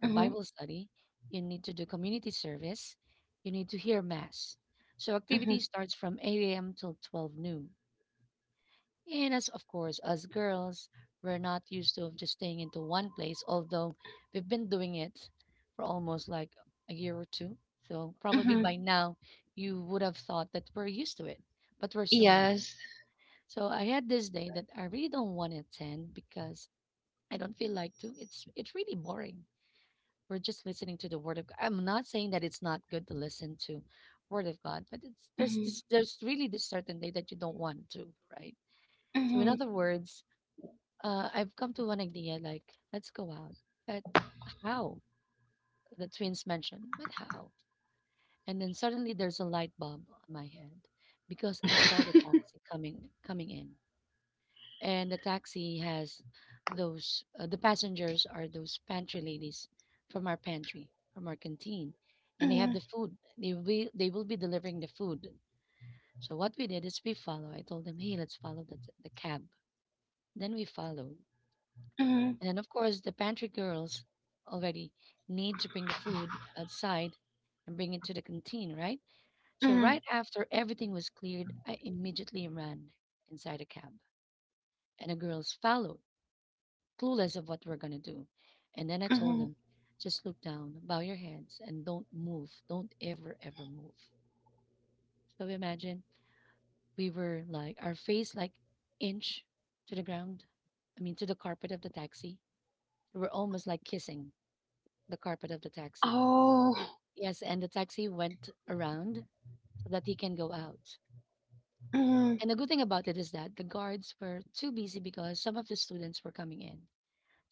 [SPEAKER 1] or
[SPEAKER 2] Mhm.
[SPEAKER 1] Bible study, you need to do community service, you need to hear Mass. So activity
[SPEAKER 2] Mhm.
[SPEAKER 1] starts from 8 a.m. till 12 noon. And as of course, as girls, we're not used to just staying into one place, although we've been doing it for almost like a year or two. So probably
[SPEAKER 2] Mhm.
[SPEAKER 1] by now you would have thought that we're used to it, but we're still not.
[SPEAKER 2] Yes.
[SPEAKER 1] So I had this day that I really don't want to attend because I don't feel like to. It's really boring. We're just listening to the word of God. I'm not saying that it's not good to listen to word of God, but it's there's this
[SPEAKER 2] Mhm.
[SPEAKER 1] there's really this certain day that you don't want to, right? So in
[SPEAKER 2] Mhm.
[SPEAKER 1] other words, I've come to one idea like let's go out, but how? The twins mentioned, but how? And then suddenly there's a light bulb on my head because I saw the taxi coming in. And the taxi has those the passengers are those pantry ladies from our canteen, and they have the
[SPEAKER 2] Mhm.
[SPEAKER 1] food. They will they will be delivering the food. So what we did is we follow. I told them, hey, let's follow the cab. Then we followed.
[SPEAKER 2] Mhm.
[SPEAKER 1] And then of course the pantry girls already need to bring the food outside and bring it to the canteen, right? So
[SPEAKER 2] Mhm.
[SPEAKER 1] right after everything was cleared, I immediately ran inside a cab, and the girls followed, clueless of what we're going to do. And then I told
[SPEAKER 2] Mhm.
[SPEAKER 1] him, just look down, bow your heads, and don't move. Don't ever, ever move. So imagine we were like, our face like inch to the ground, I mean, to the carpet of the taxi. We were almost like kissing the carpet of the taxi.
[SPEAKER 2] Oh.
[SPEAKER 1] Yes, and the taxi went around so that he can go out.
[SPEAKER 2] Mhm.
[SPEAKER 1] And the good thing about it is that the guards were too busy because some of the students were coming in.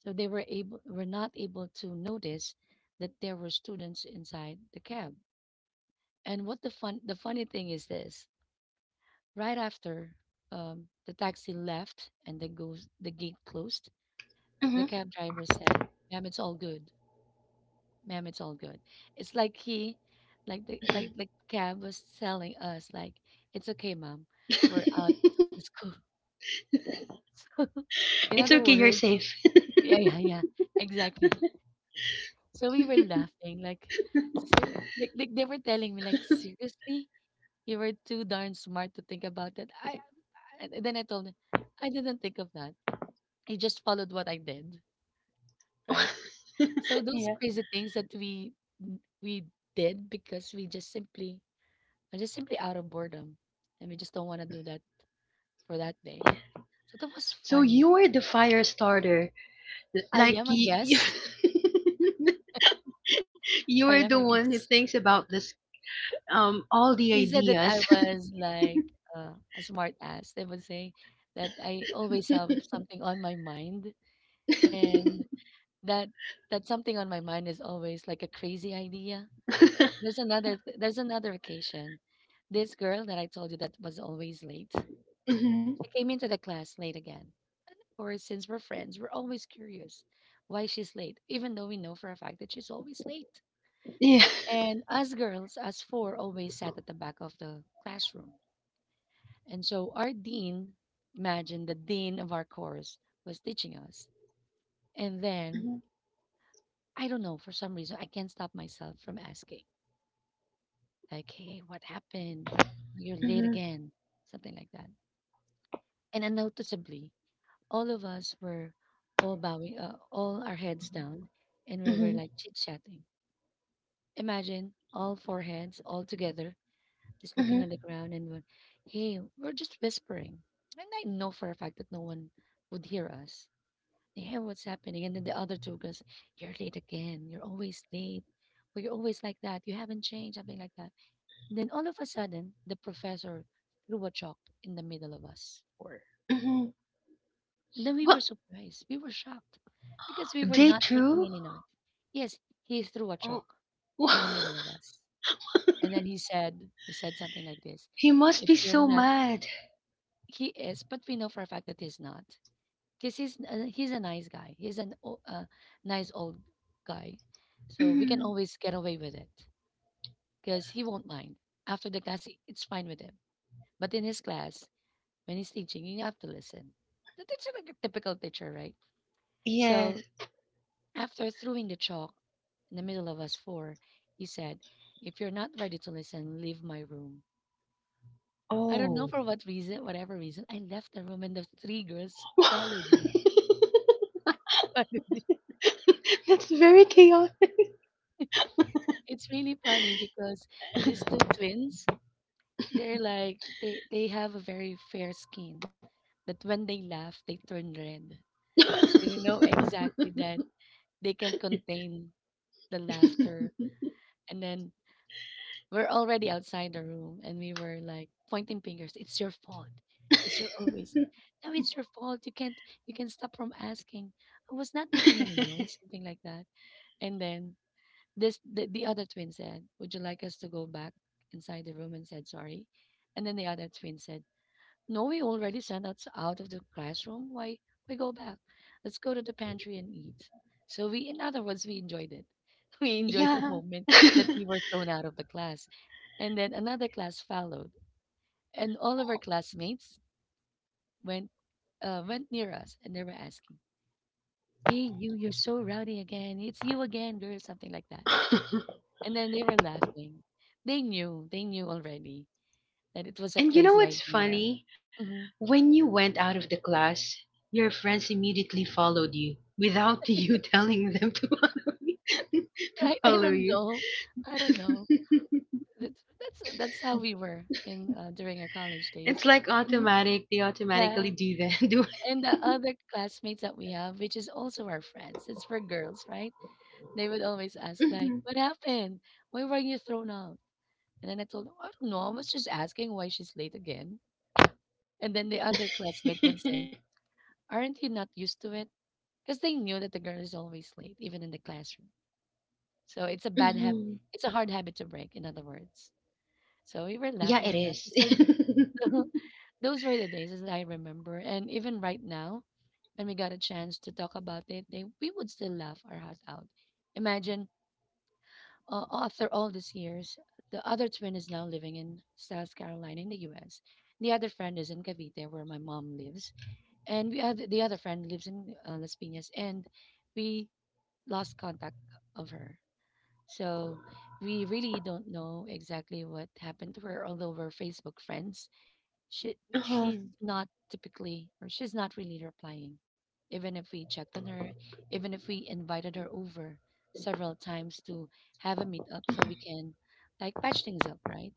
[SPEAKER 1] So they were not able to notice that there were students inside the cab. And what the funny thing is this: right after the taxi left and the gate closed,
[SPEAKER 2] Mhm.
[SPEAKER 1] the cab driver said, "Ma'am, it's all good. Ma'am, it's all good." It's like he, like the cab was telling us like, "It's okay, ma'am. We're out of the school." So, in
[SPEAKER 2] It's
[SPEAKER 1] other
[SPEAKER 2] okay, you're
[SPEAKER 1] words,
[SPEAKER 2] safe.
[SPEAKER 1] yeah, yeah, yeah, exactly. So we were laughing, like, like they were telling me, like, seriously, you were too darn smart to think about that. I and then I told them, I didn't think of that. I just followed what I did, right? So those
[SPEAKER 2] Yeah.
[SPEAKER 1] crazy things that we did because we just simply, out of boredom, and we just don't want to do that for that day. So that was
[SPEAKER 2] So you
[SPEAKER 1] funny.
[SPEAKER 2] were the fire starter.
[SPEAKER 1] I
[SPEAKER 2] Like
[SPEAKER 1] am, I
[SPEAKER 2] you,
[SPEAKER 1] guess.
[SPEAKER 2] you
[SPEAKER 1] I
[SPEAKER 2] were
[SPEAKER 1] am,
[SPEAKER 2] the
[SPEAKER 1] I
[SPEAKER 2] one who
[SPEAKER 1] guess.
[SPEAKER 2] thinks about this all the
[SPEAKER 1] They said that I
[SPEAKER 2] ideas.
[SPEAKER 1] was like a smart ass. They would say that I always have something on my mind, and that that something on my mind is always like a crazy idea. There's another occasion. This girl that I told you that was always late,
[SPEAKER 2] Mhm.
[SPEAKER 1] she came into the class late again. And of course, since we're friends, we're always curious why she's late, even though we know for a fact that she's always late.
[SPEAKER 2] Yeah.
[SPEAKER 1] And us girls, us four, always sat at the back of the classroom. And so our dean, imagine the dean of our course, was teaching us. And then,
[SPEAKER 2] Mm-hmm.
[SPEAKER 1] I don't know, for some reason, I can't stop myself from asking, like, hey, what happened? You're late
[SPEAKER 2] Mhm,
[SPEAKER 1] again, something like that. And unnoticeably, all of us were all bowing, all our heads down, and we were
[SPEAKER 2] mhm,
[SPEAKER 1] like chit chatting. Imagine all four heads all together, just looking
[SPEAKER 2] mhm,
[SPEAKER 1] on the ground, and we're, hey, we're just whispering. And I know for a fact that no one would hear us. Hey, what's happening? And then the other two girls, you're late again. You're always late. Well, you're always like that. You haven't changed, something like that. And then all of a sudden, the professor threw a chalk in the middle of us four.
[SPEAKER 2] mhm.
[SPEAKER 1] And then we
[SPEAKER 2] Well,
[SPEAKER 1] were surprised. We were shocked because we were
[SPEAKER 2] day
[SPEAKER 1] not making
[SPEAKER 2] two?
[SPEAKER 1] any noise. Yes, he threw a
[SPEAKER 2] Oh,
[SPEAKER 1] chalk in the middle of us. And then he said something like this,
[SPEAKER 2] he must
[SPEAKER 1] "If
[SPEAKER 2] be
[SPEAKER 1] you're
[SPEAKER 2] so
[SPEAKER 1] not,"
[SPEAKER 2] mad.
[SPEAKER 1] he is, but we know for a fact that he's not. Because he's a nice guy. He's an o- nice old guy, so we can
[SPEAKER 2] Mm,
[SPEAKER 1] always get away with it because he won't mind. After the class, it's fine with him. But in his class, when he's teaching, you have to listen. The teacher, like a typical teacher, right?
[SPEAKER 2] yes.
[SPEAKER 1] So after throwing the chalk in the middle of us four, he said, "If you're not ready to listen, leave my room." I don't know
[SPEAKER 2] Oh.
[SPEAKER 1] for what reason, whatever reason, I left the room and the three girls followed me.
[SPEAKER 2] That's very chaotic.
[SPEAKER 1] It's really funny because these two twins, they're like they have a very fair skin that when they laugh, they turn red. So you know exactly that they can contain the laughter. And then we're already outside the room and we were like pointing fingers. "It's your fault because you're always." "No, it's your fault. You can't You can stop from asking. I was not making any noise," something like that. And then the other twin said, "Would you like us to go back inside the room and said sorry?" And then the other twin said, "No, we already sent us out of the classroom. Why we go back? Let's go to the pantry and eat." So we, in other words, we enjoyed it. We enjoyed the
[SPEAKER 2] Yeah.
[SPEAKER 1] moment that we were thrown out of the class, and then another class followed, and all of our classmates went went near us, and they were asking, "Hey, you! You're so rowdy again. It's you again, girl," something like that. And then they were laughing. They knew already that it was a
[SPEAKER 2] And you know
[SPEAKER 1] crazy
[SPEAKER 2] what's
[SPEAKER 1] idea.
[SPEAKER 2] funny?
[SPEAKER 1] Hmm.
[SPEAKER 2] When you went out of the class, your friends immediately followed you without you telling them to follow you. to
[SPEAKER 1] Right? I
[SPEAKER 2] follow
[SPEAKER 1] don't
[SPEAKER 2] you.
[SPEAKER 1] know. I don't know. That's how we were in during our college days.
[SPEAKER 2] It's like
[SPEAKER 1] And
[SPEAKER 2] automatic. They
[SPEAKER 1] yeah,
[SPEAKER 2] automatically do that. Do
[SPEAKER 1] and the other classmates that we have, which is also our friends, it's for girls, right? They would always ask like,
[SPEAKER 2] Mhm.
[SPEAKER 1] "What happened? Why were you thrown out?" And then I told them, "I don't know. I was just asking why she's late again." And then the other classmate would say, "Aren't you not used to it?" Because they knew that the girl is always late, even in the classroom. So it's a bad habit.
[SPEAKER 2] Mhm.
[SPEAKER 1] It's a hard habit to break, in other words. So we were
[SPEAKER 2] Yeah,
[SPEAKER 1] laughing
[SPEAKER 2] it
[SPEAKER 1] and
[SPEAKER 2] is.
[SPEAKER 1] laughing. So those were the days that I remember. And even right now, when we got a chance to talk about it, we would still laugh our house out. Imagine after all these years, the other twin is now living in South Carolina in the US. The other friend is in Cavite, where my mom lives. And the other friend lives in Las Piñas. And we lost contact of her. So we really don't know exactly what happened to her, although we're Facebook friends.
[SPEAKER 2] Uh-huh.
[SPEAKER 1] She's not typically, or she's not really replying. Even if we checked on her, even if we invited her over several times to have a meetup so we can like patch things up, right?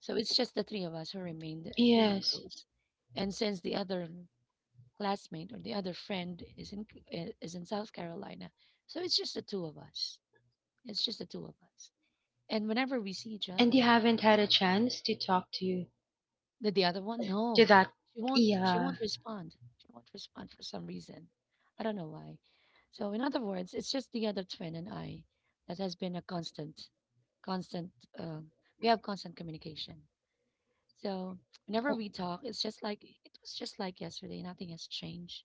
[SPEAKER 1] So it's just the three of us who remained eh, really
[SPEAKER 2] Yes.
[SPEAKER 1] close. And since the other classmate or the other friend is in is in South Carolina, so it's just the two of us. It's just the two of us. And whenever we see each
[SPEAKER 2] And you
[SPEAKER 1] other,
[SPEAKER 2] haven't had a chance to talk to
[SPEAKER 1] the other one,
[SPEAKER 2] to
[SPEAKER 1] no,
[SPEAKER 2] that.
[SPEAKER 1] she
[SPEAKER 2] Yeah.
[SPEAKER 1] won't respond. She won't respond for some reason. I don't know why. So in other words, it's just the other twin and I that has been a constant, constant. Uh, we have constant communication. So
[SPEAKER 2] Oh,
[SPEAKER 1] whenever we talk, it was just like yesterday. Nothing has changed.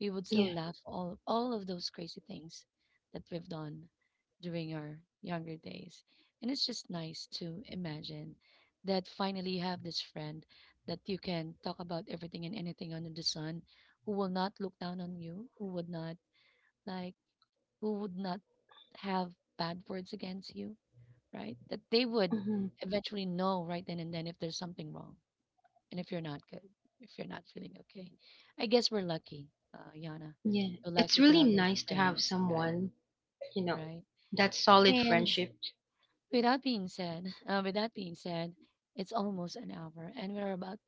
[SPEAKER 1] We would still
[SPEAKER 2] yeah.
[SPEAKER 1] laugh all of those crazy things that we've done during our younger days. And it's just nice to imagine that finally you have this friend that you can talk about everything and anything under the sun, who will not look down on you, like who would not have bad words against you, right? That they would
[SPEAKER 2] Hmm.
[SPEAKER 1] eventually know right then and then if there's something wrong and if you're not good, if you're not feeling okay. I guess we're lucky, Yana.
[SPEAKER 2] Yeah.
[SPEAKER 1] We're
[SPEAKER 2] It's
[SPEAKER 1] lucky to
[SPEAKER 2] really
[SPEAKER 1] have those
[SPEAKER 2] nice to have
[SPEAKER 1] friends, right?
[SPEAKER 2] someone, you know,
[SPEAKER 1] Right.
[SPEAKER 2] that solid
[SPEAKER 1] And
[SPEAKER 2] friendship.
[SPEAKER 1] with that being said, with that being said, it's almost an hour, and we're about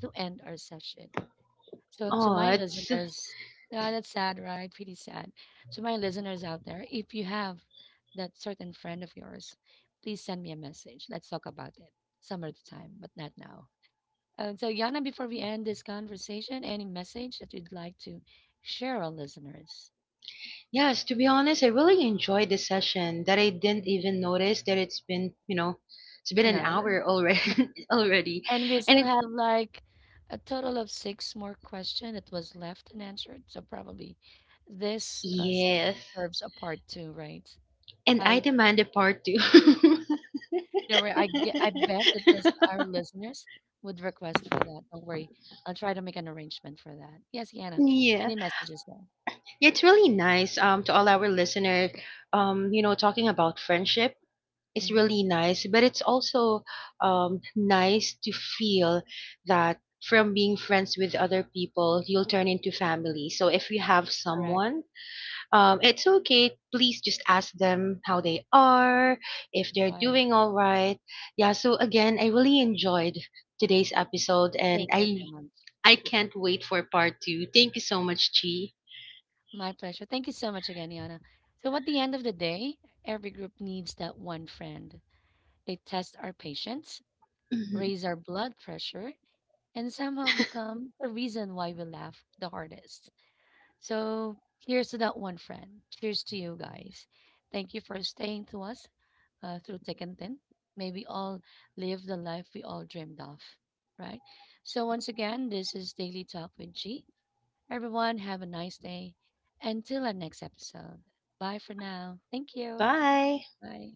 [SPEAKER 1] to end our session. So to
[SPEAKER 2] Oh,
[SPEAKER 1] my
[SPEAKER 2] it's
[SPEAKER 1] listeners, ah, that's sad, right? Pretty sad. To my listeners out there, if you have that certain friend of yours, please send me a message. Let's talk about it some other time, but not now. So, Yana, before we end this conversation, any message that you'd like to share our listeners?
[SPEAKER 2] Yes, to be honest, I really enjoyed this session that I didn't
[SPEAKER 1] Mhm.
[SPEAKER 2] even notice that it's been,
[SPEAKER 1] An
[SPEAKER 2] an
[SPEAKER 1] hour.
[SPEAKER 2] hour already. Already.
[SPEAKER 1] And we
[SPEAKER 2] And
[SPEAKER 1] still
[SPEAKER 2] it,
[SPEAKER 1] have like a total of six more questions that was left unanswered. So, probably this session
[SPEAKER 2] yes.
[SPEAKER 1] deserves a part 2, right?
[SPEAKER 2] And I
[SPEAKER 1] I
[SPEAKER 2] demand a part 2.
[SPEAKER 1] don't worry. I bet that this our listeners would request for that. Don't worry. I'll try to make an arrangement for that. Yes, Yana,
[SPEAKER 2] Yeah.
[SPEAKER 1] any messages there?
[SPEAKER 2] It's really nice to all our listeners. Talking about friendship is
[SPEAKER 1] Hmm.
[SPEAKER 2] really nice, but it's also nice to feel that from being friends with other people, you'll turn into family. So if you have
[SPEAKER 1] Correct.
[SPEAKER 2] someone, it's okay. Please just ask them how they are, if they're
[SPEAKER 1] Right.
[SPEAKER 2] doing all right. Yeah. So again, I really enjoyed today's episode,
[SPEAKER 1] Thank
[SPEAKER 2] and
[SPEAKER 1] you,
[SPEAKER 2] I
[SPEAKER 1] Emma.
[SPEAKER 2] I can't wait for part two. Thank you so much, Chi.
[SPEAKER 1] My pleasure. Thank you so much again, Yana. So, at the end of the day, every group needs that one friend. They test our patience, raise our blood pressure, and somehow become the reason why we laugh the hardest. So, here's to that one friend. Cheers to you guys. Thank you for staying to us through thick and thin. May we all live the life we all dreamed of, right? So, once again, this is Daily Talk with G. Everyone, have a nice day. Until our next episode. Bye for now. Thank you.
[SPEAKER 2] Bye.
[SPEAKER 1] Bye.